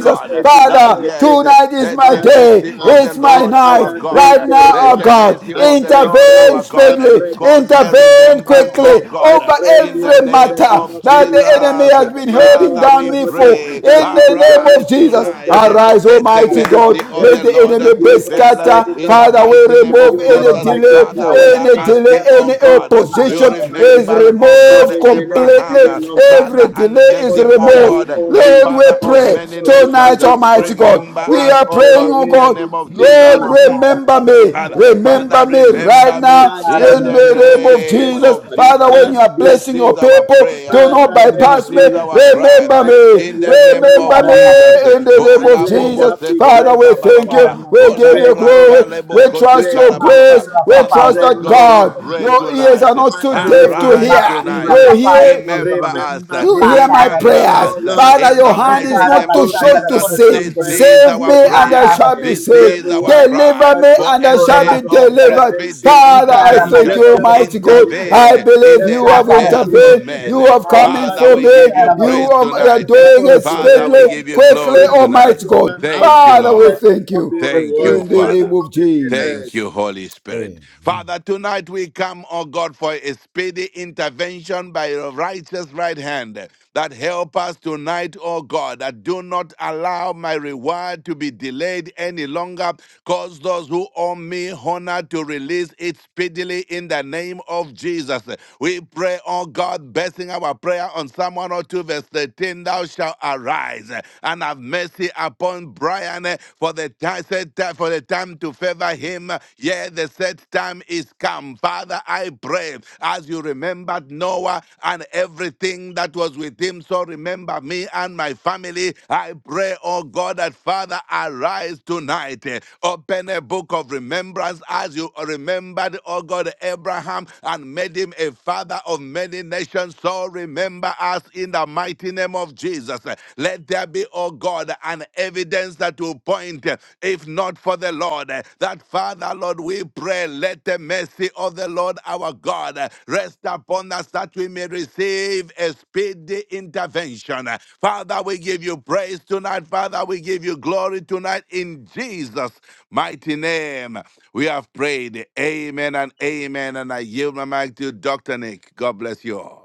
and waiting that and Father, waiting. yes, eh, tonight And is let my the Father, mercy day. of come. the It's my And my Lord our night Father, bring God, right eh, now, the oh let the reward God. mercy and of the break Lord Intervene through our and God eh, speedily, break cause past. a intervene Abba, remembrance, oh quickly Father, I God, eh, over pray in this the every day in name the name matter of of that the Jesus enemy Jesus. has that been my holding God, Father, you down we are me not a for. man pray, that In you the should name lie, of arise Jesus, nor the tonight. eh, Son of arise, Man Let that the you Almighty should God. mercy of of Let repent. the the Lord uh, Have enemy be you not prevail uh, said it, scattered. in O the Father, God? we mighty name Shall remove of you not Moro any Jesus. make it delay, Father, Masandara good? we are any Jindri, delay, asking, Father, I oh any do God, uh, not you opposition allow Makara my is remembered, reward Sindri, oh to God, removed be delayed completely. Abraham, any uh, longer. Father, Every and delay made is God, him, oh God, removed. who God, uh, owe a me, Lord, we father of to my pray many God, who owe nations. tonight, Uh, me Almighty honor, God. Remember O We Makara us, God, are oh to praying, God, oh in release the it God, name of Lord, Jesus. speedily Mm. remember now, O me. Father, God. Remember Father, me right remember me now Touch in in the the name of organization, name oh Jesus. of God. Father, Jesus. when you Touch are This people, blessing your is oh our God. people, prayer. do not Father, This bypass me. is our everywhere. cry Remember Touch me. them in the left, name right, of Remember and me Jesus. in center. the name And of Ola let bobo Jesus. there be Father, great sekori we baba baba thank baba. you. honor, We Ola give you great glory. mbraka honor, lebo We kose trust great your kara baba baba. grace. honor, We Father, trust Lord great that God, we God, honor. pray your ears are Abba, tonight. not too Father, deaf to Arise remember hear. me tonight. You now. hear Remember us. Remember you me hear now. my Remember prayers. us. Oh Lord, I Father, In your the hand is pray. mighty not name too Do of short not to Jesus, allow this save. my is wrath Save our to me be and I prayer. shall delayed. be This saved. The is our reward of Deliver cry God me from for and a I shall Michael, day be from of all delivered. speedy nations of Father, God. I thank intervention. Let you, them not Almighty be God. I delayed. Intervene in believe Let the you them have not be affairs of intervened. delayed. You men. have The come in reward Father, for of we my give you me. You family, praise are let them tonight. not doing be it Father, we delayed speedily, give you quickly, glory the reward tonight. Almighty of my God. Thank you, household, Father, we let Lord. it thank not you. be Thank you, In rewarded, the let Father. name it of not be delayed. Thank Jesus. you, Holy Amen. Spirit. Father, tonight we come, oh God, for a speedy intervention by your righteous right hand that help us tonight, oh God, that do not allow my reward to be delayed any longer. Cause those who owe me honor to release it speedily in the name of Jesus. We pray, oh God, basing our prayer on Psalm 102, verse 13, thou shalt arise and have mercy upon Brian eh, for the time set time for the time to favor him. Yeah, the set time is come. Father, I pray as you remembered Noah and everything that was with him. So remember me and my family. I pray, oh God, that Father, arise tonight. eh, Open a book of remembrance as you remembered, oh God, Abraham and made him a father of many nations shall remember us in the mighty name of Jesus. Let there be, oh God, an evidence that will point, if not for the Lord, that Father, Lord, we pray, let the mercy of the Lord our God rest upon us that we may receive a speedy intervention. Father, we give you praise tonight. Father, we give you glory tonight in Jesus' mighty name. We have prayed. Amen and amen. And I yield my mic to Dr. Nick. God bless you all.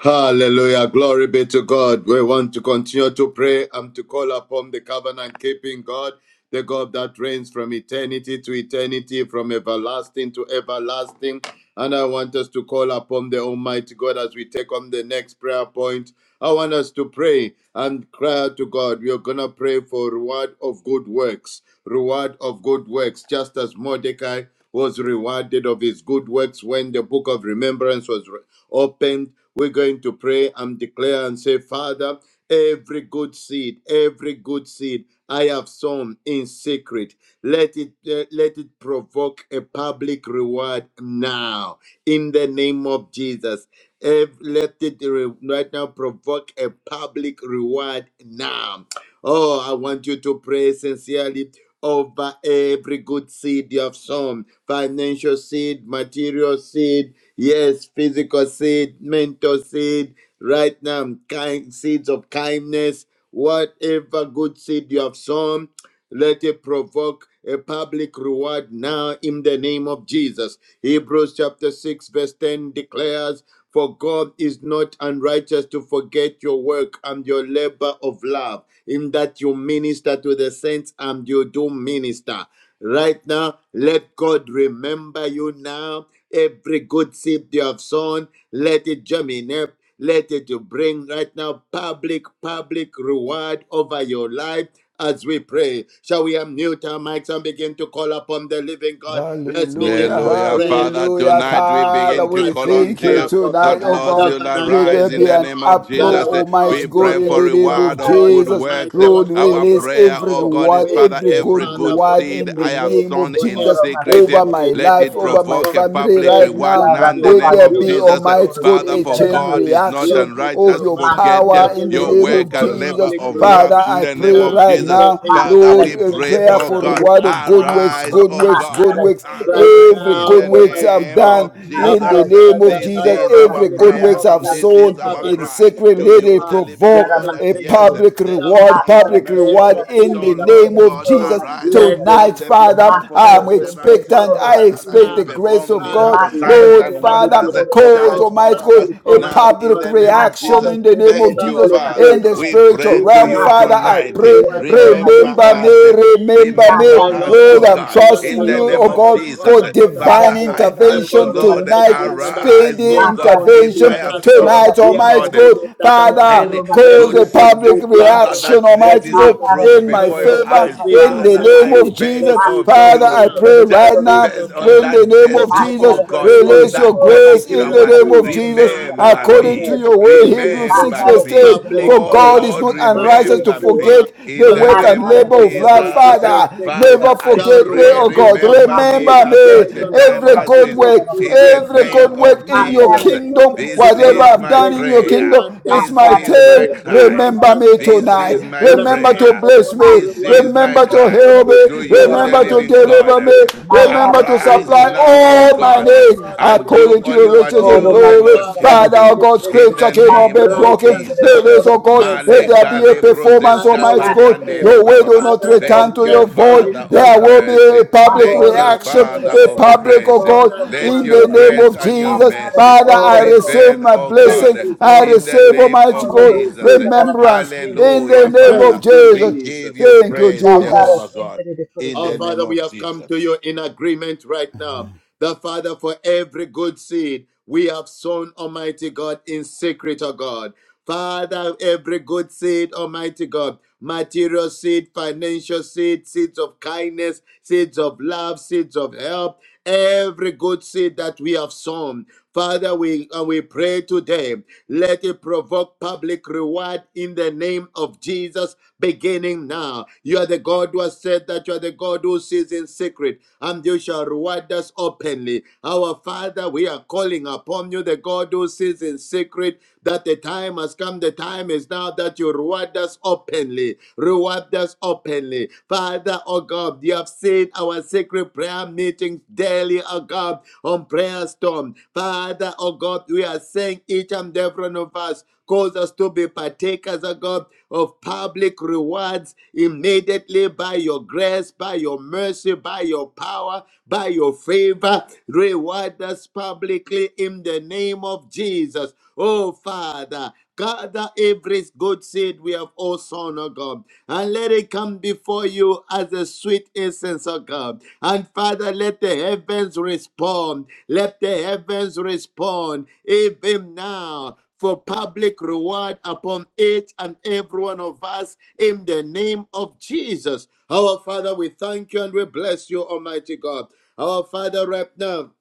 Hallelujah. Glory be to God. We want to continue to pray and to call upon the covenant keeping God, the God that reigns from eternity to eternity, from everlasting to everlasting. And I want us to call upon the Almighty God as we take on the next prayer point. I want us to pray and cry out to God. We are going to pray for reward of good works, reward of good works, just as Mordecai was rewarded of his good works when the book of remembrance was opened, we're going to pray and declare and say, Father, every good seed, every good seed I have sown in secret, let it eh, let it provoke a public reward now in the name of Jesus. Ev- let it re- right now provoke a public reward now Oh, I want you to pray sincerely over every good seed you have sown financial seed, material seed, yes, physical seed, mental seed, right now, kind seeds of kindness, whatever good seed you have sown. Let it provoke a public reward now in the name of Jesus. Hebrews chapter 6, verse 10 declares, For God is not unrighteous to forget your work and your labor of love, in that you minister to the saints and you do minister. Right now, let God remember you now. Every good seed you have sown, let it germinate. Let it bring right now public, public reward over your life as we pray. Shall we unmute our mics and begin to call upon the living God? Let's begin Hallelujah, to Hallelujah. pray. Father, hallelujah. tonight we Abba, Father, begin to we Father, call we on thank to call you you upon tonight, that, you. oh Lord, God. you'll Covenant Let there arise in be keeping the an name God, of that uproar, Jesus. Eh, our God, We Almighty you God, are pray in for the faithful, name our reward of of God, you good are Jesus. works. mighty, Eh, our Lord, God, Our you are release prayer, every oh powerful. God, is, reward, We Father, every pray, every good Father, good for reward seed in the every I have good, name sown of for in Jesus every good secret, eh, over my seed let life, I it have over my provoke a sown, family public right every good reward now. now in the seed Let name there of we be, have Jesus. Eh, sown Almighty God, Father, a in for chain God secret. is not Let reaction it of unrighteous. your provide, Forget eh, power let in it the your name provoke work of a and labor Jesus. public of reward. Father, love in I the pray name of Now, right in Jesus. now the prayer, name of Father, Lord, we Jesus, uh, pray, prayer oh for right God, reward of good now, works, arise, Abba good oh works, Father, God, good works. right arise Every in now, good the works Almighty I've name God, of done in Abba the Jesus. name of Father, This Jesus, I am is our every calling good prayer works upon I've and you, this sown is our in covenant cry secret, to keeping let you, it the God, living the provoke way God, that a yes, maker, public the the Lord reward, is Father, public reward merciful. in everything So, the that Lord, you name Lord have of God, done, Jesus. arise let it on Tonight, the provoke, Father, behalf of let your I'm it servants. provoke expectant. I right Father, that expect you the now. grace perform of God. Father, miracle we signs pray Lord, and that it wonders. will Father, cause, Charge provoke Almighty over God, us public, a now Almighty in public God, the name of reaction Jesus. in the name of Thank you, Jesus public Father. in the reward. We spiritual pray We to realm. pray you for Father, I public tonight. pray, reward Remember remember everywhere. us. me, remember Remember Oh me. us, Lord, we oh Lord, are I'm God, crying unto trusting in the you you, name oh because of our God, God, Jesus. you are for more than divine Father, able, I ask, able intervention to do Lord, tonight, exceeding and arise, abundantly speedy oh above God, all that if we I intervention are have asking. sown, tonight, We oh are Almighty God. confident God. that our God, Father, And Cause God every a good said, public seed we have Father, sown, reaction, that the that Almighty is seeds God, of approved in my kindness, before your favor, the eyes. seeds in of the Father, name I mercy, of beg the Jesus. of seeds of Father, I you, love, pray the right just seeds now. of based on In help, the that name the of basis, Jesus, oh financial God, seed, on release your that the grace in particular the material one, name seed. of Jesus, Father, remember the according to me, dead, your let way, it Hebrews 6, remember verse provoke me. 10. public For Oh God is reward, Lord, not unrighteous public to remember me forget reward. in the the Father, work you have and name said of labor the of God who love, sits Jesus. in Father. secret Never Father, I forget shall Activate me, pray, reward oh you God. remember me openly Remember at such based a me. on time Every as every good this good work, deed in we have the every good done. name work of in Father, your you're Jesus. the God kingdom, that sees This whatever the is I've my done secret. in your prayer. Reward kingdom, us it's This my is my openly. turn. cry. Reward Remember us me This tonight. openly. is my Right Remember to now, prayer. oh bless God, me. This reward is us my Remember to cry heal openly. to me. you, the Remember Rewaters to living God. deliver openly. me. Oh Remember to Lord, we Arise supply now, pray. O all my Our God, needs Father, we and are do according to calling your only what riches upon and you, you. the glory. Lord, can Covenant Father, oh do. God, keeping In scripture the God, cannot name be of broken. righteous Jesus. God, Release, oh God, let there merciful be Maleka a God. performance, lebrozeska Father, we Almighty God. pray. pariandele Your word will bababa. not Father, return Thank to you, your open the void. Father windows of There of will be a mercy. heaven. public Pour Thank you, out a reaction, Father a of blessing public, oh grace. more than God, Let our in your the room can name grace of and your Jesus. contain. mercy Father, I Oh receive God, prevail, my O blessing. this God is I our in the receive, prayer. name Almighty of This God, Jesus. is our remembrance cry. in the Hallelujah, name of Father. Thank you, We Jesus. give Jesus. you Thank you, praise, Jesus. Jehovah God, in Oh, the name Father, we of have come to Jesus. you in agreement right now. The Father, for every good seed we have sown, Almighty God, in secret, O God. Father, every good seed, Almighty God, material seed, financial seed, seeds of kindness, seeds of love, seeds of help, every good seed that we have sown. Father, we, uh, we pray today, let it provoke public reward in the name of Jesus, beginning now. You are the God who has said that you are the God who sees in secret, and you shall reward us openly. Our Father, we are calling upon you, the God who sees in secret that the time has come. The time is now that you reward us openly. Reward us openly. Father, oh God, you have seen our secret prayer meetings daily, oh God, on prayer storm. Father, oh God, we are saying each and every one of us cause us to be partakers, oh God, of public rewards immediately by your grace, by your mercy, by your power, by your favor. Reward us publicly in the the name of Jesus. Oh, Father, gather every good seed we have, O Son of God, and let it come before you as a sweet incense, O God. And Father, let the heavens respond. Let the heavens respond even now for public reward upon each and every one of us in the name of Jesus. Our Father, we thank you and we bless you, Almighty God. Our Father, right now.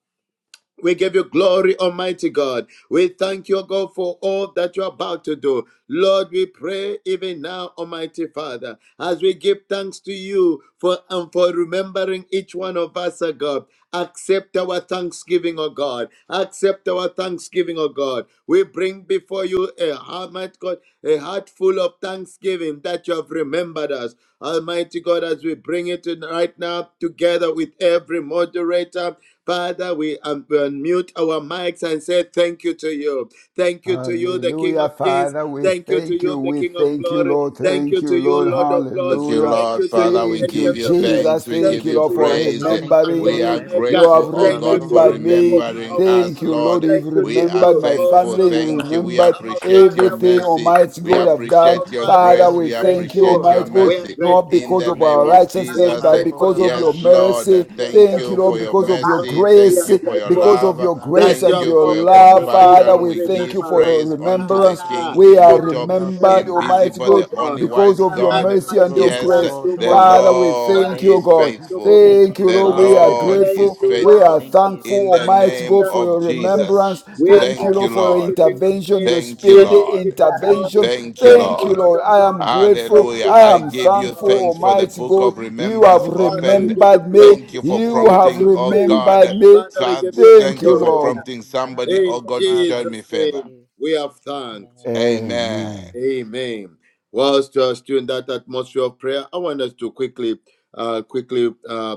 We give you glory, Almighty God. We thank you, God, for all that you're about to do. Lord, we pray even now, Almighty Father, as we give thanks to you for and for remembering each one of us, O God. Accept our thanksgiving, O God. Accept our thanksgiving, O God. We bring before you a heart, God, a heart full of thanksgiving that you have remembered us. Almighty God, as we bring it in right now together with every moderator, Father, we unmute our mics and say thank you to you. Thank you to you, the King of Hallelujah, Kings. Father. We Thank you to thank you. you, the We King of thank you, glory. Lord. Thank Thank you you, to you, Lord. Lord of lords. Thank you, Hallelujah. Thank Lord. you to Father, you, we Thank you, give Ancient you of Father, Death. Jesus. thanks. thank you, We Lord, Thank Thank give you, for you you to Lord, your for you, the mercy. praise. Alpha Thank you, and remembering the We Lord, me. for are You everything Omega. have that grateful, you oh have Thank you God, to done, for O remembered you, the Lord all me. remembering powerful Almighty. Thank us, God. you, Lord. We Lord. Thank You've give you you to We are mercy, remembered you, O my Lord. thankful. family. awesome You Thank you. God. We remembered Karabashanda, Our appreciate your Father, we everything are mercy. Almighty We Rabasokotorianda, God grateful. have Rabo. done. Our appreciate your Father, we Father, Father, grace. are we we We thank thank you, you, appreciate grateful. your Almighty God, We Father. are We mercy. not thank grateful, In you, because King the of of thank name our you. Kings. of We righteousness, are Jesus. but eh, grateful, because Makoro King of of your Yes, Glory. Lord. Bashende, eh, mercy. We are grateful Thank Thank you, you grateful, Lord, for Lord your because of of your Rabosokotorianda, Lords. mercy. Rabo. We Because Thank are grace, of you for your your grateful, because grace, God, of love. your Father, that grace you Thank Lord. and have you your for your We opened the love. say book thank Father, of compassion. you. we We thank you give for remembrance. your praise unto Thank the remembrance. you Father, King, for We you are have immortal, remembering us, O remembered, remembered Lord us, Almighty invisible, oh God, the Almighty. God. only because wise We of And your give you by all God. the mercy and your this glory, Yes, time grace. Lord the Father, tomorrow, Almighty. we We say Lord by thank thank you, this is you. time God. faithful. tomorrow, Thank Thank you, you, The Lord. yes, We are Father. and Lord Thank thank you, is grateful. you, thank We you, are faithful. thank Lord. you. thankful, In the By Almighty this name God, time for of your tomorrow, Jesus. remembrance. we are Thank you, saying Thank you, Lord, for thank your you, Lord. King of intervention, Kings. your Thank Makurabashandarabasokotoroyandara. you, Thank speedy you, King Lord. of Glory. intervention. Masekita, Thank Thank you, you Thank for Thank you, you, Lord. Lord Lord. of I everything you Lords. are am doing Thank grateful. right you, Hallelujah. I now, I am awesome Lord, give in you the thankful, God. thanks mighty for Mm. the name Almighty of book God. of Jesus. You have remembrance Our Father, we Thank opened. give you you remembered for Thank me. glory. you for You remembering We me, give have prompting, you oh Father, praise. Lord. remembered God. me. Father, we give you Thank Thank you you, for Lord. adoration. prompting somebody, Masokotoriandarabo. oh In God, to show Father, we me Jesus' thank favor. name, you. we have thanked. Amen. Amen. Amen. Amen. Whilst you are still in that atmosphere of prayer, I want us to quickly, uh, quickly uh,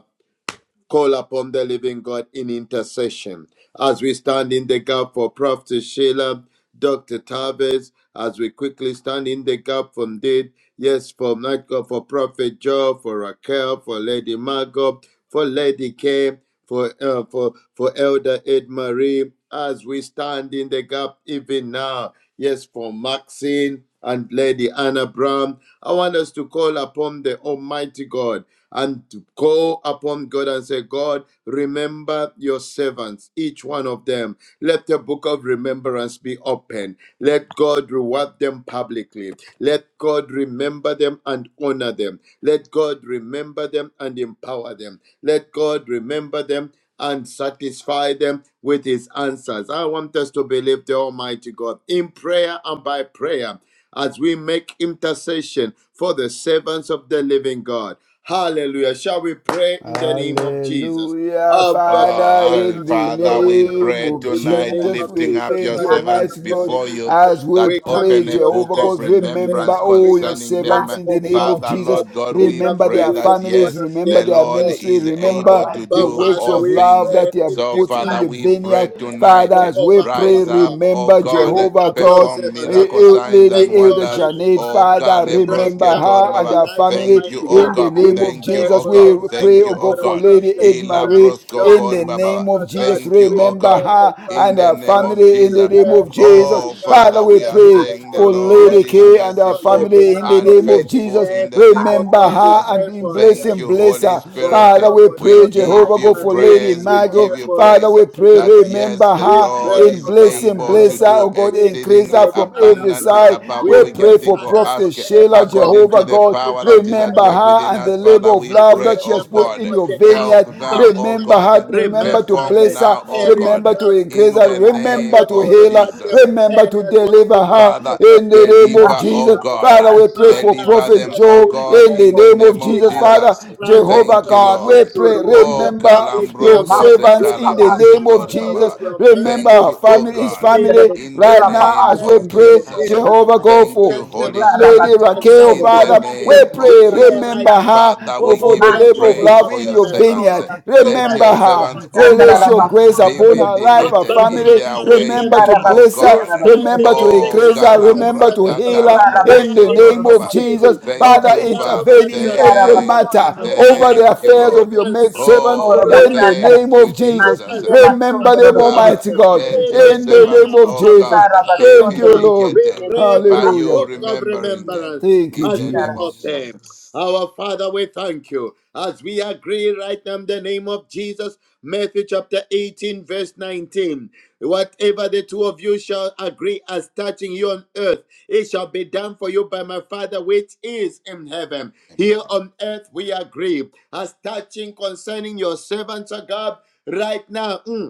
call upon the living God in intercession. As we stand in the gap for Prophet Sheila, Dr. Tavis, as we quickly stand in the gap for Did, yes, for Michael, for Prophet Joe, for Raquel, for Lady Margot, for Lady K, for, uh, for, for Elder Ed Marie, as we stand in the gap even now, yes, for Maxine and Lady Anna Brown, I want us to call upon the Almighty God and to call upon God and say, God, remember your servants, each one of them. Let the book of remembrance be open. Let God reward them publicly. Let God remember them and honor them. Let God remember them and empower them. Let God remember them and satisfy them with his answers. I want us to believe the Almighty God in prayer and by prayer as we make intercession for the servants of the living God. Hallelujah. Shall we pray in the name of Jesus? Hallelujah. Abba, Father, Father, we Oh, come in the to Father, you right we now. name pray of In the tonight, name Jesus, of we lifting Jesus up your thank Christ, you, the Son Maki of servants Almighty de the God, before Chile, living you, God, as we that we Maki come pray, to open a you, para the book la Jehovah of God, ancient of days. remember remembrance We all your come to concerning you, them. servants the in Maki the all name of Father, powerful God. Jesus. Lord God, We we come Remember to pray their you, the that families, yes, covenant remember the their keeping Lord God. ministry, is remember able to the Abba, do works Father, all of we love things. pray that you have So, even put in Father, the now. we pray vineyard. tonight, Father, as we Jehovah our pray, rise up, God. O remember We God, lift Jehovah up your God. perform servants, O miracle God. Eu- signs Lady and Thank you, Elder wonders. Almighty Janet, O Father, Kale Father, right remember now her Brosketo, for the and Baba. her life, family. Thank you, Almighty O God. In the God. We name of Thank you, pray Jesus, O for we the God. life, pray, Thank oh you, Almighty O God, God, of for God. Lady Prophet Ed Ila Sheila, Marie. brosko Dr. In kori the Thomas, name baba. O of God. Jesus, Thank you, We oh remember pray God, for her in and Prophet the her name John. of family. In We the Jesus. name pray, of Jesus, Almighty Oh God. Father, Father, Makorabashanda, we we Yes, are pray indeed, saying the for for Lady Lady Lord is K Raquel and her hell, let merciful the family. In Makarabashandarabo. the We maggot, and name pray let of the for faithful Jesus, all. in cat. the name Oh of remember God, we her Jesus. and pray Mighty in for name of Thank blessing, you, parents, bless Holy Jesus, her. O for my Lord, Spirit. we Father, God, pray we for for pray We pray, Elder Prophetess Ed give Jehovah, go you for Sheila, Marie. Lady pray praise. We We Margot. pray give you for Father, we praise. Elder pray, That for Jeanette. Lady yes, remember the We her Marvel, for Lord pray, in Lady is oh God, Anna blessing, for able to bless Brown, her, Lady do oh God, Maxine, increase pray her exceedingly Lady from Anna every for abundantly Brown. side. above We all We we Rochelle, can say, we pray pray for think for or Father, Prophet ask, Prophetess today, Sheila, Sheila, according Jehovah to open the the and God, for book power of that Elder is at remember work her within remembrance and Jen, us. the account labor Father, of we as love you Delta pray, that she oh has remember Marie, put God. in Lady your Brown. Mordecai. Help vineyard. now, O Remember Mighty Father, her, God. name of remember just remember to them for Perform bless them, her, now, O Marco, areas God. remember to where from the increase people In her, the have mighty name of name remember forgotten to to of heal Jesus, O reward her, them, Lord, Jesus. I pray remember for to areas where deliver people have Joe, her Father, in in forgotten the to name say of deliver, thank oh you Jesus. to God. them. Father, we pray Karabashandarabasoko, for Father, Deliver Prophet we them, oh Joe God, in pray Turiandarabaya. the in for the name of name of public Jesus. Father, Jesus. remembrance and Jehovah Thank you, Maseketeliandala God, we that Lord. you pray, reward them Oh, remember basokotoliandalago. publicly, Kalambro O your God, Kose servants with in your the Kalabra name of power, Setori with Jesus. Baba. your Maseketeliandala. In Remember the mercy, Thank our you, with oh mighty family, your his God, name of family favor, Jesus, in the with right remember your now name as we of blessings. their pray, Jesus. In family in the Jehovah blessing, God, mighty Thank bless for you, name them, of Holy O God, Jesus, Lady Spirit, O and Lord Raquel, in the Almighty, Father, satisfy that we them. there name will- We of pray, pray nothing Jesus. right will remember be now. her Father, delayed we in for the give the you Open the labor mighty of book praise name love of of for in your your Jesus. servants. remembrance vineyard. over Let your Remember your servants, her. servants, O oh God. Release God, your Remember grace her in be the upon her mighty life, her name vindicated Abba, of in family. Father, their Jesus. Remember remember, to waiting, oh bless you her. are God. standing Remember to in the Oh, gap increase her. for your Remember Kalambra to servants of heal Masotorobayakatarabayandalabo. God. her Kakarabobo We in are the Setor name of Baba. Yes, Jesus. interceding Lord. on Thank Father, you, behalf of Father. your intervene in Masotoroya. servants every of God. Thank you. matter And over Father, the Thank you, affairs speedily of Lord. your maid answer and servants Oh, in reward the them. name thank of you, Speedily Jesus. Jesus. answer Remember and them, reward Father, Almighty them. God, let your Even Mm, in the name servants, now, of oh Jesus. God, yes. Abba, be Thank you, Father, Lord. we Remember, vindicated Lord, pray we for by the thank Hallelujah. you, you book Lord, of we give you remembering them remembrance glory. Thank you, in has the been name of Jesus. opened. Amen. Jesus. Our Father, we thank you. As we agree right now in the name of Jesus, Matthew chapter 18, verse 19. Whatever the two of you shall agree as touching you on earth, it shall be done for you by my Father which is in heaven. Here Amen. on earth we agree. As touching concerning your servants, O God, right now. mm,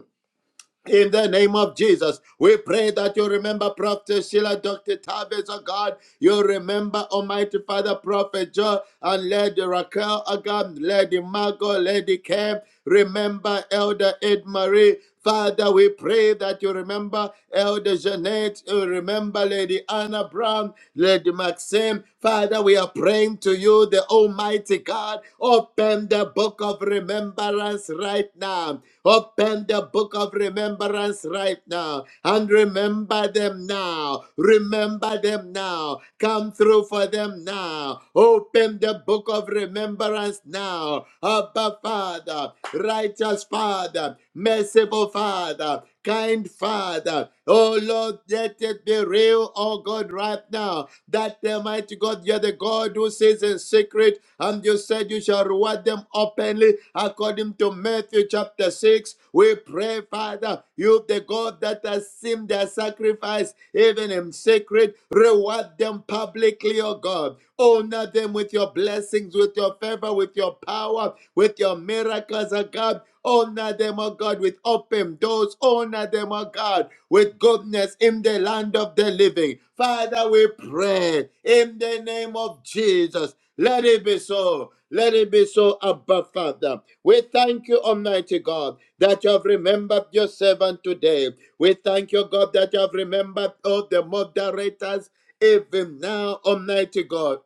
in the name of Jesus, we pray that you remember Prophet Sheila, Dr. Tavis, oh God. You remember Almighty Father, Prophet Joe, and Lady Raquel, oh God, Lady Margot, Lady Camp. Remember Elder Ed Marie. Father, we pray that you remember Elder Jeanette, you remember Lady Anna Brown, Lady Maxim. Father, we are praying to you, the Almighty God. God, open the book of remembrance right now. Open the book of remembrance right now and remember them now. Remember them now. Come through for them now. Open the book of remembrance now. Abba Father, righteous Father, merciful Father, kind Father. Oh Lord, let it be real, oh God, right now. That Almighty God, you're the God who says in secret, and you said you shall reward them openly, according to Matthew chapter 6. We pray, Father, you, the God that has seen their sacrifice, even in secret, reward them publicly, oh God. Honor them with your blessings, with your favor, with your power, with your miracles, oh God. Honor them, O God, with open doors. Honor them, O God, with goodness in the land of the living. Father, we pray in the name of Jesus. Let it be so. Let it be so, Abba Father. We thank you, Almighty God, that you have remembered your servant today. We thank you, God, that you have remembered all the moderators even now, Almighty God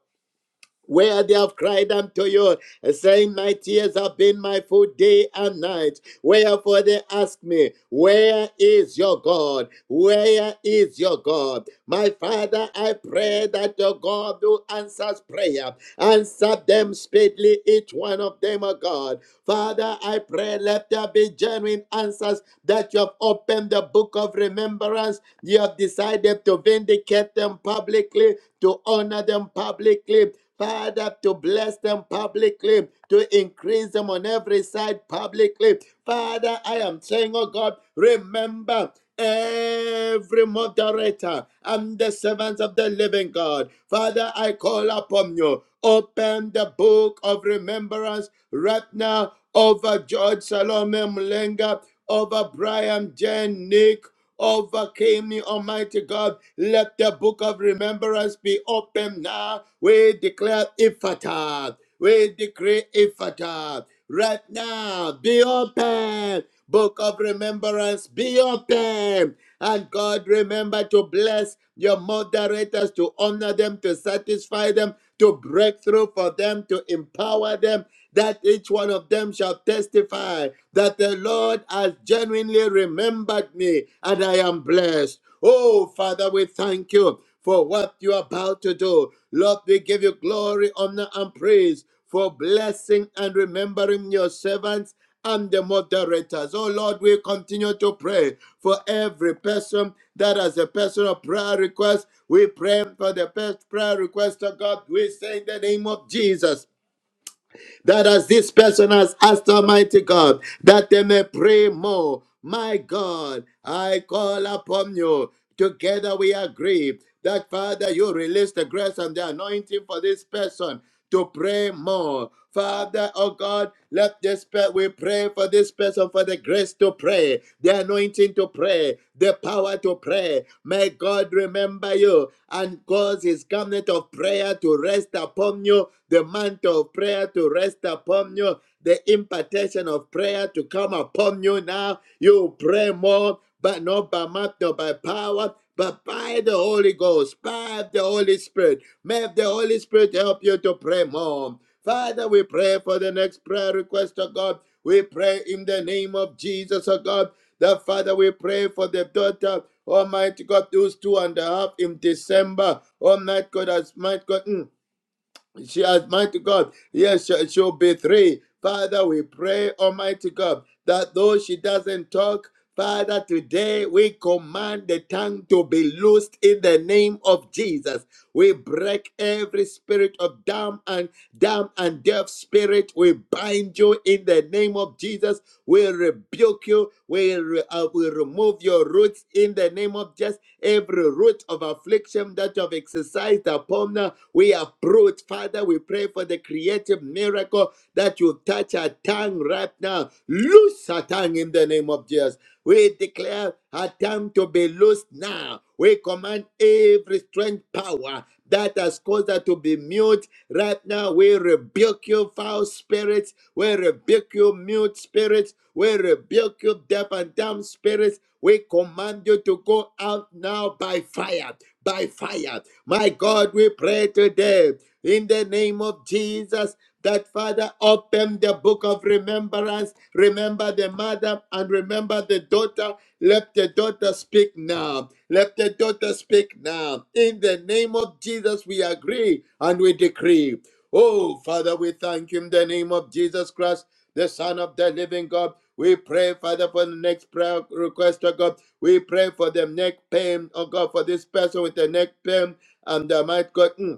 where they have cried unto you, saying, My tears have been my food day and night. Wherefore they ask me, Where is your God? Where is your God? My Father, I pray that your God who answers prayer, answer them speedily, each one of them, O God. Father, I pray, let there be genuine answers that you have opened the book of remembrance. You have decided to vindicate them publicly, to honor them publicly, Father, to bless them publicly, to increase them on every side publicly. Father, I am saying, oh God, remember every moderator and the servants of the living God. Father, I call upon you. Open the book of remembrance right now over George Salome Mlenga, over Brian Jen Nick overcame me, Almighty God. Let the book of remembrance be open now. We declare Ifata. We decree Ifata. Right now, be open. Book of remembrance, be open. And God, remember to bless your moderators, to honor them, to satisfy them to breakthrough for them, to empower them, that each one of them shall testify that the Lord has genuinely remembered me and I am blessed. Oh, Father, we thank you for what you're about to do. Lord, we give you glory, honor, and praise for blessing and remembering your servants and the moderators. Oh Lord, we continue to pray for every person that has a personal prayer request. We pray for the best prayer request of God. We say in the name of Jesus that as this person has asked Almighty God, that they may pray more. My God, I call upon you. Together we agree that, Father, you release the grace and the anointing for this person to pray more. Father, oh God, let this pe- we pray for this person for the grace to pray, the anointing to pray, the power to pray. May God remember you and cause his garment of prayer to rest upon you The the mantle of prayer to rest upon you, the impartation of prayer to come upon you now. You pray more, but not by might nor by power, but by the Holy Ghost, by the Holy Spirit. May the Holy Spirit help you to pray more. Father, we pray for the next prayer request, of God. We pray in the name of Jesus, oh God. That Father, we pray for the daughter, Almighty God, who's two and a half in December. Almighty God, as might God. mm, she has, mighty God, yes, she- she'll be three. Father, we pray, Almighty God, that though she doesn't talk, Father, today we command the tongue to be loosed in the name of Jesus. We break every spirit of dumb and dumb and deaf spirit. We bind you in the name of Jesus. We rebuke you. We, re- uh, we remove your roots in the name of Jesus. Every root of affliction that you have exercised upon us, we uproot. Father, we pray for the creative miracle that you touch our tongue right now. Loose her tongue in the name of Jesus. We declare her tongue to be loosed now. We command every strange power that has caused her to be mute. Right now, we rebuke you, foul spirits. We rebuke you, mute spirits. We rebuke you, deaf and dumb spirits. We command you to go out now by fire. By fire. My God, we pray today pray in the name of Jesus that Father, open the book of remembrance. Remember the mother and remember the daughter. Let the daughter speak now. Let the daughter speak now. In the name of Jesus, we agree and we decree. Oh, Father, we thank you in the name of Jesus Christ, the Son of the living God. We pray, Father, for the next prayer request, oh God. We pray for the neck pain, oh God, for this person with the neck pain and the might God. mm,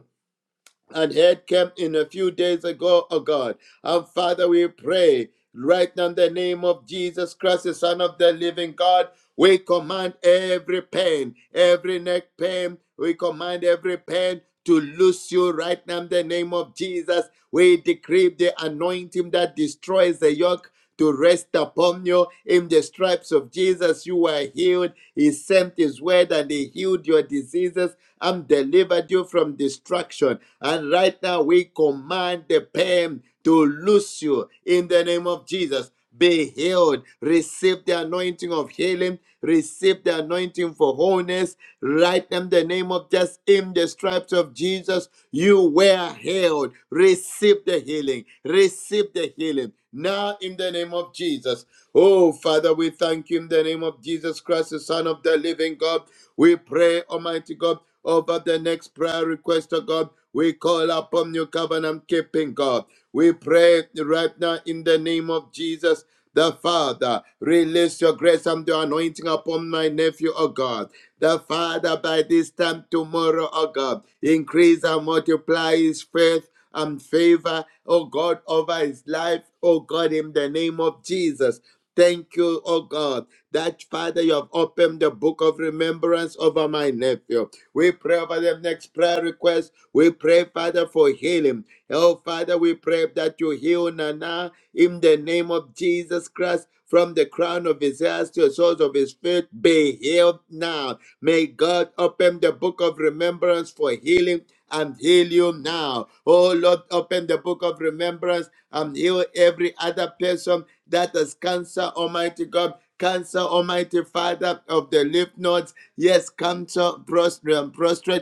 and head camp in a few days ago, oh God. And Father, we pray right now in the name of Jesus Christ, the Son of the living God. We command every pain, every neck pain, we command every pain to loose you right now in the name of Jesus. We decree the anointing that destroys the yoke to rest upon you. In the stripes of Jesus, you were healed. He sent his word and he healed your diseases and delivered you from destruction. And right now, we command the pain to loose you in the name of Jesus be healed. Receive the anointing of healing. Receive the anointing for wholeness. Right in the name of just in the stripes of Jesus, you were healed. Receive the healing. Receive the healing. Now, in the name of Jesus. Oh, Father, we thank you in the name of Jesus Christ, the Son of the living God. We pray, Almighty God, over the next prayer request, of God. We call upon you, covenant keeping God. We pray right now in the name of Jesus. The Father, release your grace and your anointing upon my nephew, O God. The Father, by this time tomorrow, O God, increase and multiply his faith and favor, oh God, over his life, oh God, in the name of Jesus. Thank you, oh God, that Father, you have opened the book of remembrance over my nephew. We pray over the next prayer request. We pray, Father, for healing. Oh, Father, we pray that you heal Nana in the name of Jesus Christ. From the crown of his head to the soles of his feet, be healed now. May God open the book of remembrance for healing and heal you now. Oh Lord, open the book of remembrance and heal every other person that has cancer, Almighty God. Cancer, Almighty Father of the lymph nodes, yes, cancer, prostrate, um,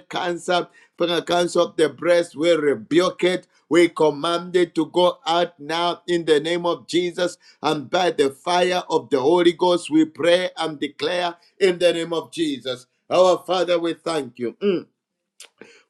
cancer, cancer of the breast, we rebuke it. We command it to go out now in the name of Jesus, and by the fire of the Holy Ghost, we pray and declare in the name of Jesus. Our Father, we thank you. Mm.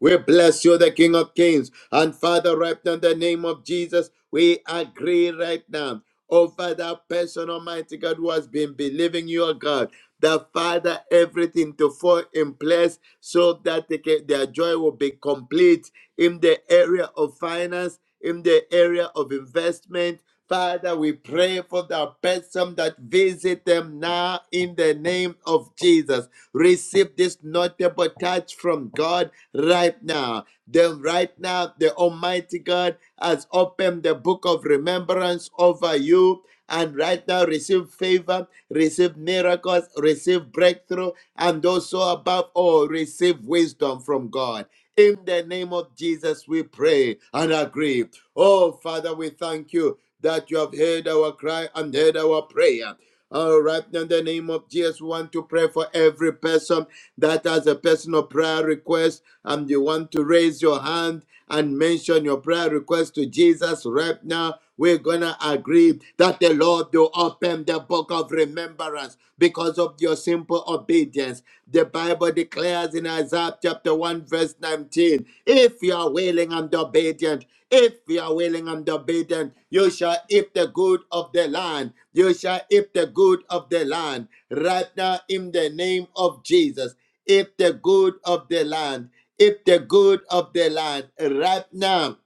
We bless you, the King of Kings. And Father, right now, in the name of Jesus, we agree right now over that person, Almighty God, who has been believing you, oh God. The Father, everything to fall in place so that they can, their joy will be complete in the area of finance, in the area of investment. Father, we pray for the person that visit them now in the name of Jesus. Receive this notable touch from God right now. Then right now, the Almighty God has opened the book of remembrance over you. And right now, receive favor, receive miracles, receive breakthrough, and also above all, receive wisdom from God. In the name of Jesus, we pray and agree. Oh, Father, we thank you that you have heard our cry and heard our prayer. All right, in the name of Jesus, we want to pray for every person that has a personal prayer request and you want to raise your hand and mention your prayer request to Jesus right now we're going to agree that the Lord will open the book of remembrance because of your simple obedience. The Bible declares in Isaiah chapter 1, verse 19 if you are willing and obedient, if you are willing and obedient, you shall eat the good of the land. You shall eat the good of the land. Right now, in the name of Jesus, eat the good of the land. Eat the good of the land. Right now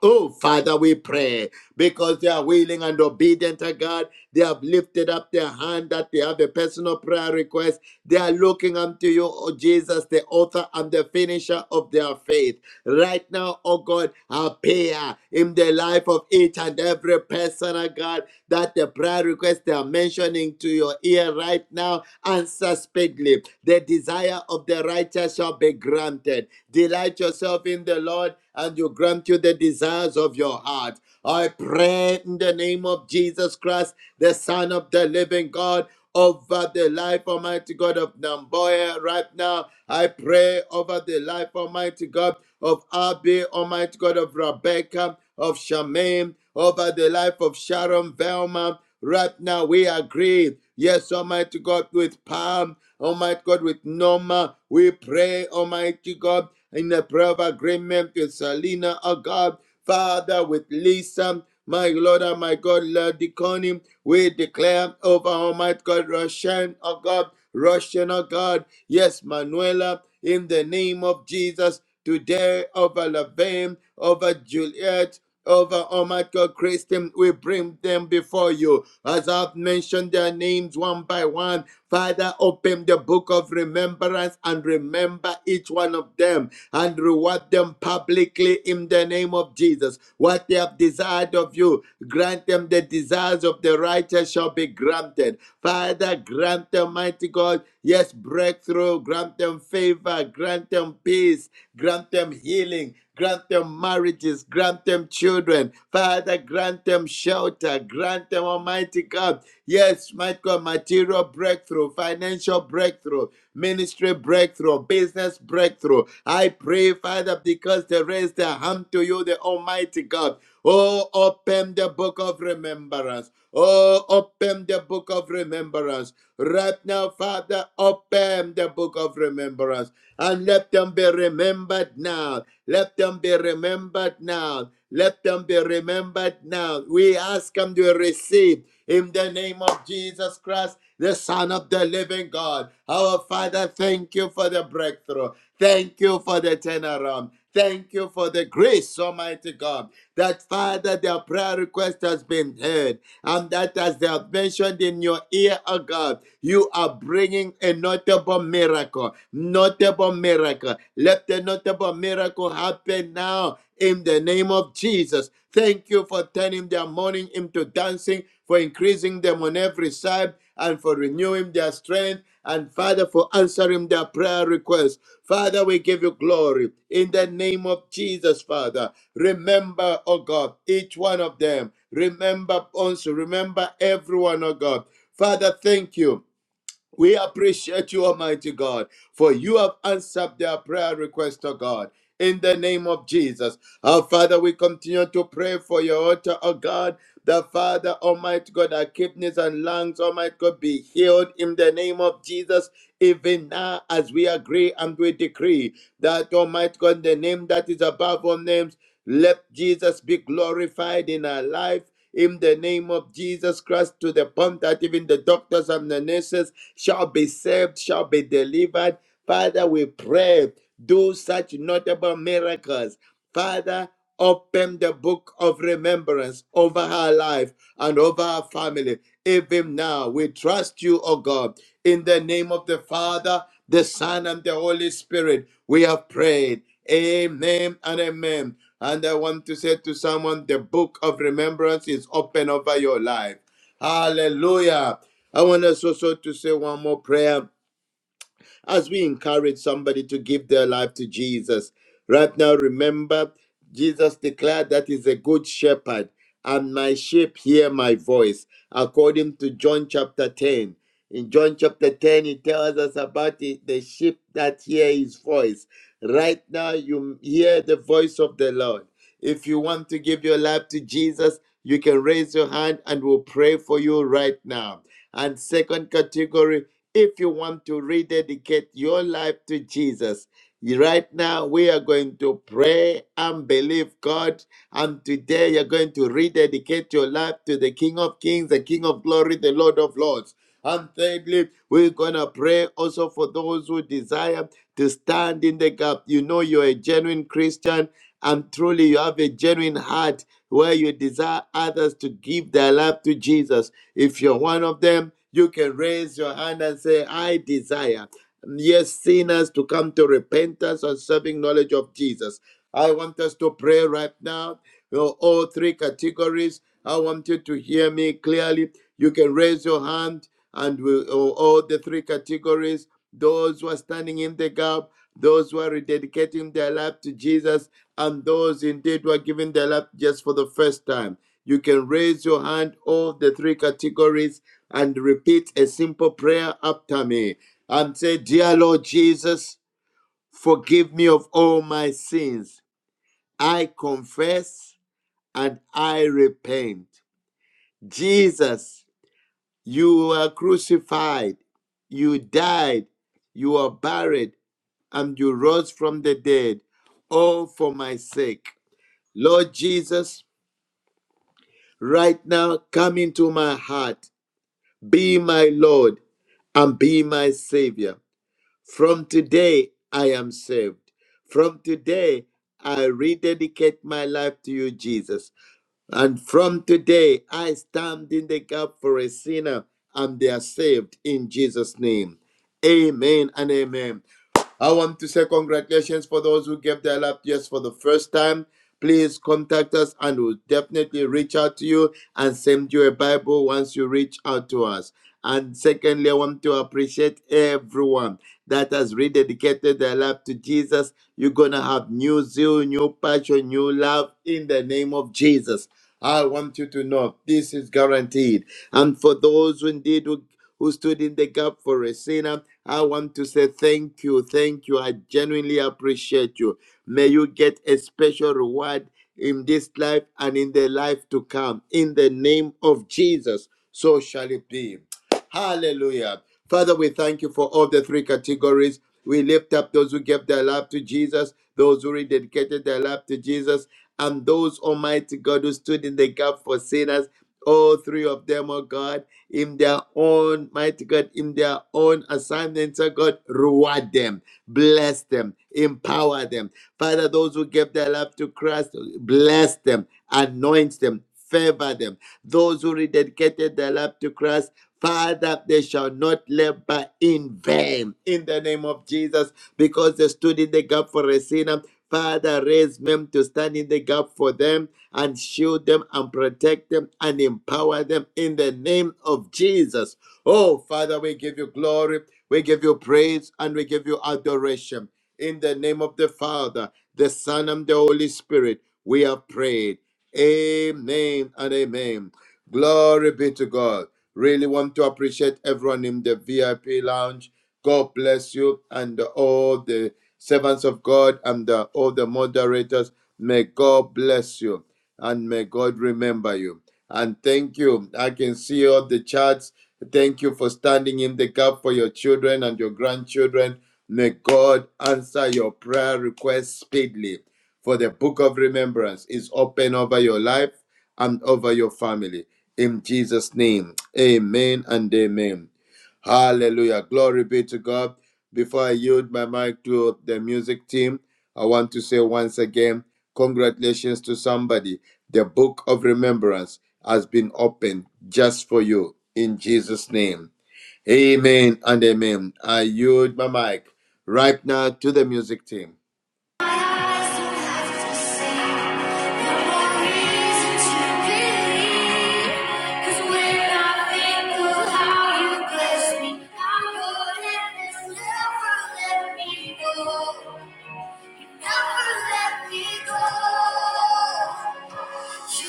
Oh, Father, we pray because they are willing and obedient to God. They have lifted up their hand that they have a personal prayer request. They are looking unto you, oh Jesus, the author and the finisher of their faith right now, oh God, appear in the life of each and every person, oh God, that the prayer request they are mentioning to your ear right now, answer speedily. The desire of the righteous shall be granted. Delight yourself in the Lord, and you grant you the desires of your heart. I pray in the name of Jesus Christ, the Son of the living God, over the life, Almighty God, of Namboya right now. I pray over the life, Almighty God, of Abby, Almighty God, of Rebecca, of Shamim, over the life of Sharon Velma. Right now, we agree. Yes, Almighty God, with Pam, Almighty God, with Norma, we pray, Almighty God, in the prayer of agreement with Salina, oh God. Father, with Lisa, my Lord and my God, Lady Connie, we declare over Almighty God, Russian, oh God, Russian, oh God, yes, Manuela, in the name of Jesus, today over Laverne, over Juliet, over Almighty God, grace them. We bring them before you. As I've mentioned their names one by one, Father, open the book of remembrance and remember each one of them and reward them publicly in the name of Jesus. What they have desired of you, grant them the desires of the righteous shall be granted. Father, grant them, mighty God, yes, breakthrough, grant them favor, grant them peace, grant them healing, grant them marriages, grant them children, Father, grant them shelter, grant them, Almighty God. Yes, might God, material breakthrough, financial breakthrough, ministry breakthrough, business breakthrough. I pray, Father, because they raise their hand to you, the Almighty God. Oh, open the book of remembrance. Oh, open the book of remembrance. Right now, Father, open the book of remembrance and let them be remembered now. Let them be remembered now. Let them be remembered now. We ask them to receive in the name of Jesus Christ, the Son of the living God. Our Father, thank you for the breakthrough. Thank you for the turnaround. Thank you for the grace, Almighty God, that Father, their prayer request has been heard, and that as they have mentioned in your ear, oh God, you are bringing a notable miracle. Notable miracle. Let the notable miracle happen now in the name of Jesus. Thank you for turning their mourning into dancing, for increasing them on every side and for renewing their strength and Father for answering their prayer requests. Father, we give you glory in the name of Jesus, Father. Remember, oh God, each one of them. Remember also, remember everyone, oh God. Father, thank you we appreciate you, Almighty God, for you have answered their prayer request, O God. In the name of Jesus. Our Father, we continue to pray for your altar, O God. The Father, Almighty God, our kidneys and lungs, Almighty God, be healed in the name of Jesus, even now as we agree and we decree that, Almighty God, the name that is above all names. Let Jesus be glorified in our life. In the name of Jesus Christ, to the point that even the doctors and the nurses shall be saved, shall be delivered. Father, we pray, do such notable miracles. Father, open the book of remembrance over her life and over her family. Even now, we trust you, O God, in the name of the Father, the Son, and the Holy Spirit. We have prayed. Amen and amen. And I want to say to someone, the book of remembrance is open over your life. Hallelujah. I want us also to say one more prayer as we encourage somebody to give their life to Jesus. Right now, remember, Jesus declared that he's a good shepherd, and my sheep hear my voice, according to John chapter 10. In John chapter 10, he tells us about the, the sheep that hear his voice. Right now, you hear the voice of the Lord. If you want to give your life to Jesus, you can raise your hand and we'll pray for you right now. And second category, if you want to rededicate your life to Jesus, right now we are going to pray and believe God. And today you're going to rededicate your life to the King of Kings, the King of Glory, the Lord of Lords. And thirdly, we're going to pray also for those who desire to stand in the gap. You know, you're a genuine Christian, and truly, you have a genuine heart where you desire others to give their life to Jesus if you're one of them, you can raise your hand and say, I desire, yes, sinners to come to repentance and serving knowledge of Jesus. I want us to pray right now. You all three categories. I want you to hear me clearly. You can raise your hand and we, all all the three categories those who are standing in the gap, those who are rededicating their life to Jesus, and those indeed who are giving their life just for the first time. You can raise your hand, all the three categories, and repeat a simple prayer after me and say, Dear Lord Jesus, forgive me of all my sins. I confess and I repent. Jesus, you were crucified, you died, you were buried, and you rose from the dead, all for my sake. Lord Jesus, right now come into my heart. Be my Lord and be my Savior. From today, I am saved. From today, I rededicate my life to you, Jesus. And from today, I stand in the gap for a sinner and they are saved in Jesus' name. Amen and amen. I want to say congratulations for those who gave their life just for the first time. Please contact us and we'll definitely reach out to you and send you a Bible once you reach out to us. And secondly, I want to appreciate everyone that has rededicated their life to Jesus. You're going to have new zeal, new passion, new love in the name of Jesus. I want you to know this is guaranteed. And for those who indeed who, who stood in the gap for a sinner, I want to say thank you, thank you. I genuinely appreciate you. May you get a special reward in this life and in the life to come. In the name of Jesus, so shall it be. Hallelujah. Father, we thank you for all the three categories. We lift up those who gave their life to Jesus, those who rededicated their life to Jesus, and those Almighty God who stood in the gap for sinners. All three of them, oh God, in their own, mighty God, in their own assignments, oh God, reward them, bless them, empower them. Father, those who gave their life to Christ, bless them, anoint them, favor them. Those who rededicated their life to Christ, Father, they shall not labor in vain in the name of Jesus because they stood in the gap for a sinner Father, raise men to stand in the gap for them and shield them and protect them and empower them in the name of Jesus. Oh, Father, we give you glory, we give you praise, and we give you adoration. In the name of the Father, the Son, and the Holy Spirit, we have prayed. Amen and amen. Glory be to God. Really want to appreciate everyone in the VIP lounge. God bless you and all the servants of God and uh, all the moderators. May God bless you and may God remember you. And thank you. I can see all the chats. Thank you for standing in the gap for your children and your grandchildren. May God answer your prayer requests speedily. For the book of remembrance is open over your life and over your family. In Jesus' name, amen and amen. Hallelujah. Glory be to God. Before I yield my mic to the music team, I want to say once again, congratulations to somebody. The book of remembrance has been opened just for you in Jesus' name. Amen and amen. I yield my mic right now to the music team. Never let me go. What a faith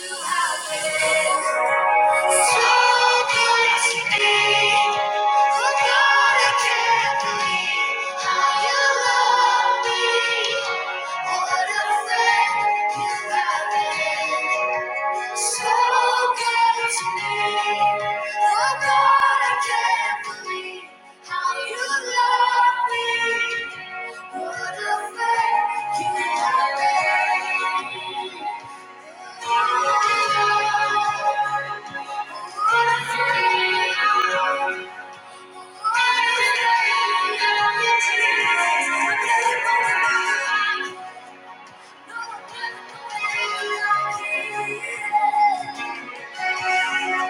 You have been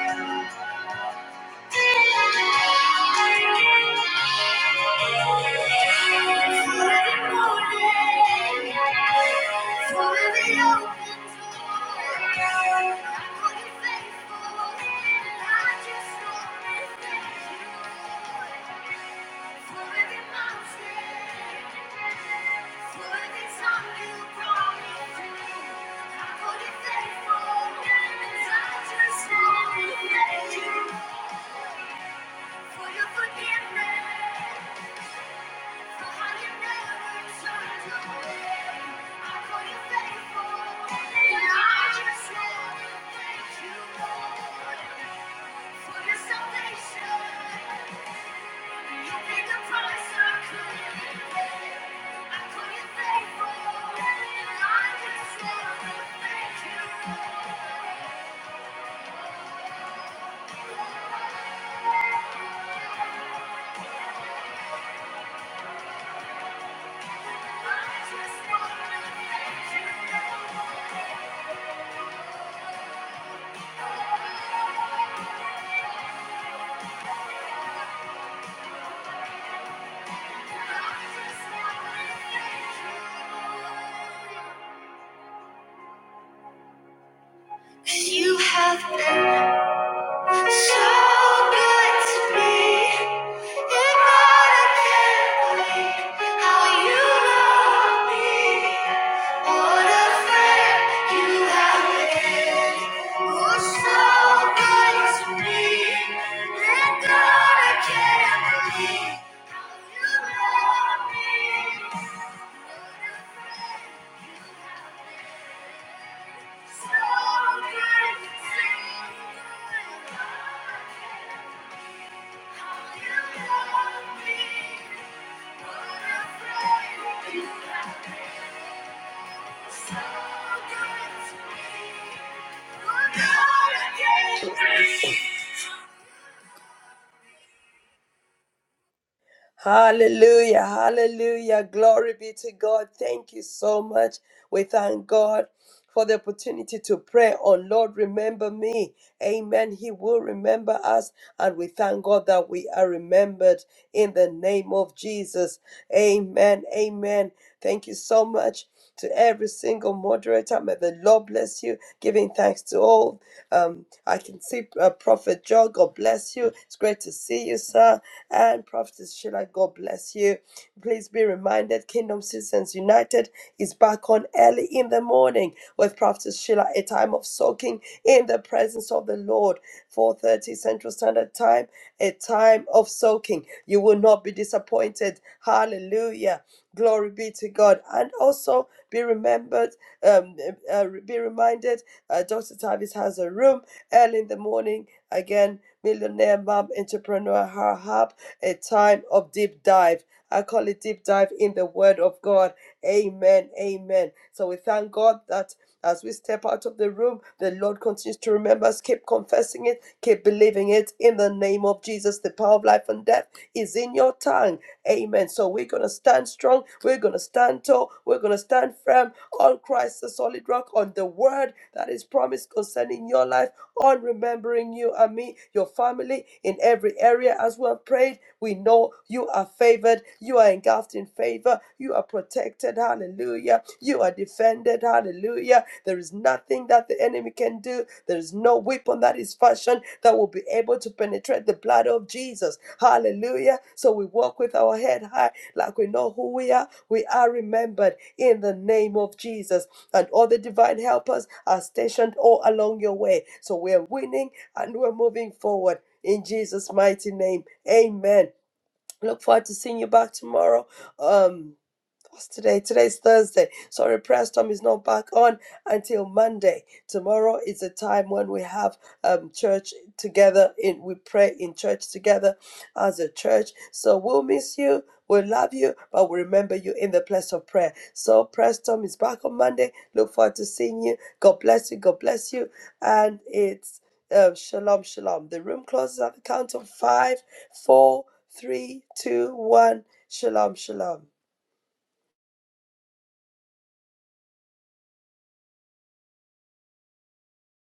Thank you. Thank you. For your forgiveness, for how you never turned your I call you faithful, and I just want to thank you, for your salvation. You paid the price I couldn't pay. I call you faithful, and I just want to thank you. I just want to thank you. You have been. So good to see. So good to me. We're gonna get free. Hallelujah, hallelujah. Glory be to God. Thank you so much. We thank God for the opportunity to pray on Lord, remember me. Amen. He will remember us, and we thank God that we are remembered in the name of Jesus. Amen. Amen. Thank you so much to every single moderator. May the Lord bless you. Giving thanks to all. Um, I can see uh, Prophet Joe. God bless you. It's great to see you, sir and Prophetess Sheila. God bless you. Please be reminded Kingdom Citizens United is back on early in the morning with Prophetess Sheila, a time of soaking in the presence of the Lord. 4:30 Central Standard Time, a time of soaking. You will not be disappointed. Hallelujah. Glory be to God. And also be remembered, um, uh, uh, be reminded, uh, Dr. Tavis has a room early in the morning. Again, millionaire mom entrepreneur Harhab a time of deep dive. I call it deep dive in the Word of God. Amen. Amen. So we thank God that as we step out of the room, the Lord continues to remember us. Keep confessing it, keep believing it in the name of Jesus. The power of life and death is in your tongue. Amen. So we're going to stand strong. We're going to stand tall. We're going to stand firm on Christ, the solid rock, on the word that is promised concerning your life, on remembering you and me, your family in every area as we have prayed we know you are favored. You are engulfed in favor. You are protected. Hallelujah. You are defended. Hallelujah. There is nothing that the enemy can do. There is no weapon that is fashioned that will be able to penetrate the blood of Jesus. Hallelujah. So we walk with our head high like we know who we are. We are remembered in the name of Jesus. And all the divine helpers are stationed all along your way. So we're winning and we're moving forward. In Jesus' mighty name, amen. Look forward to seeing you back tomorrow. Um, What's today? Today's Thursday. Sorry, prayer storm is not back on until Monday. Tomorrow is a time when we have um, church together. In we pray in church together as a church. So we'll miss you. We love you, but we remember you in the place of prayer. So prayer storm is back on Monday. Look forward to seeing you. God bless you. God bless you. And it's uh, shalom, shalom. The room closes at the count of five, four, three, two, one. Shalom, shalom.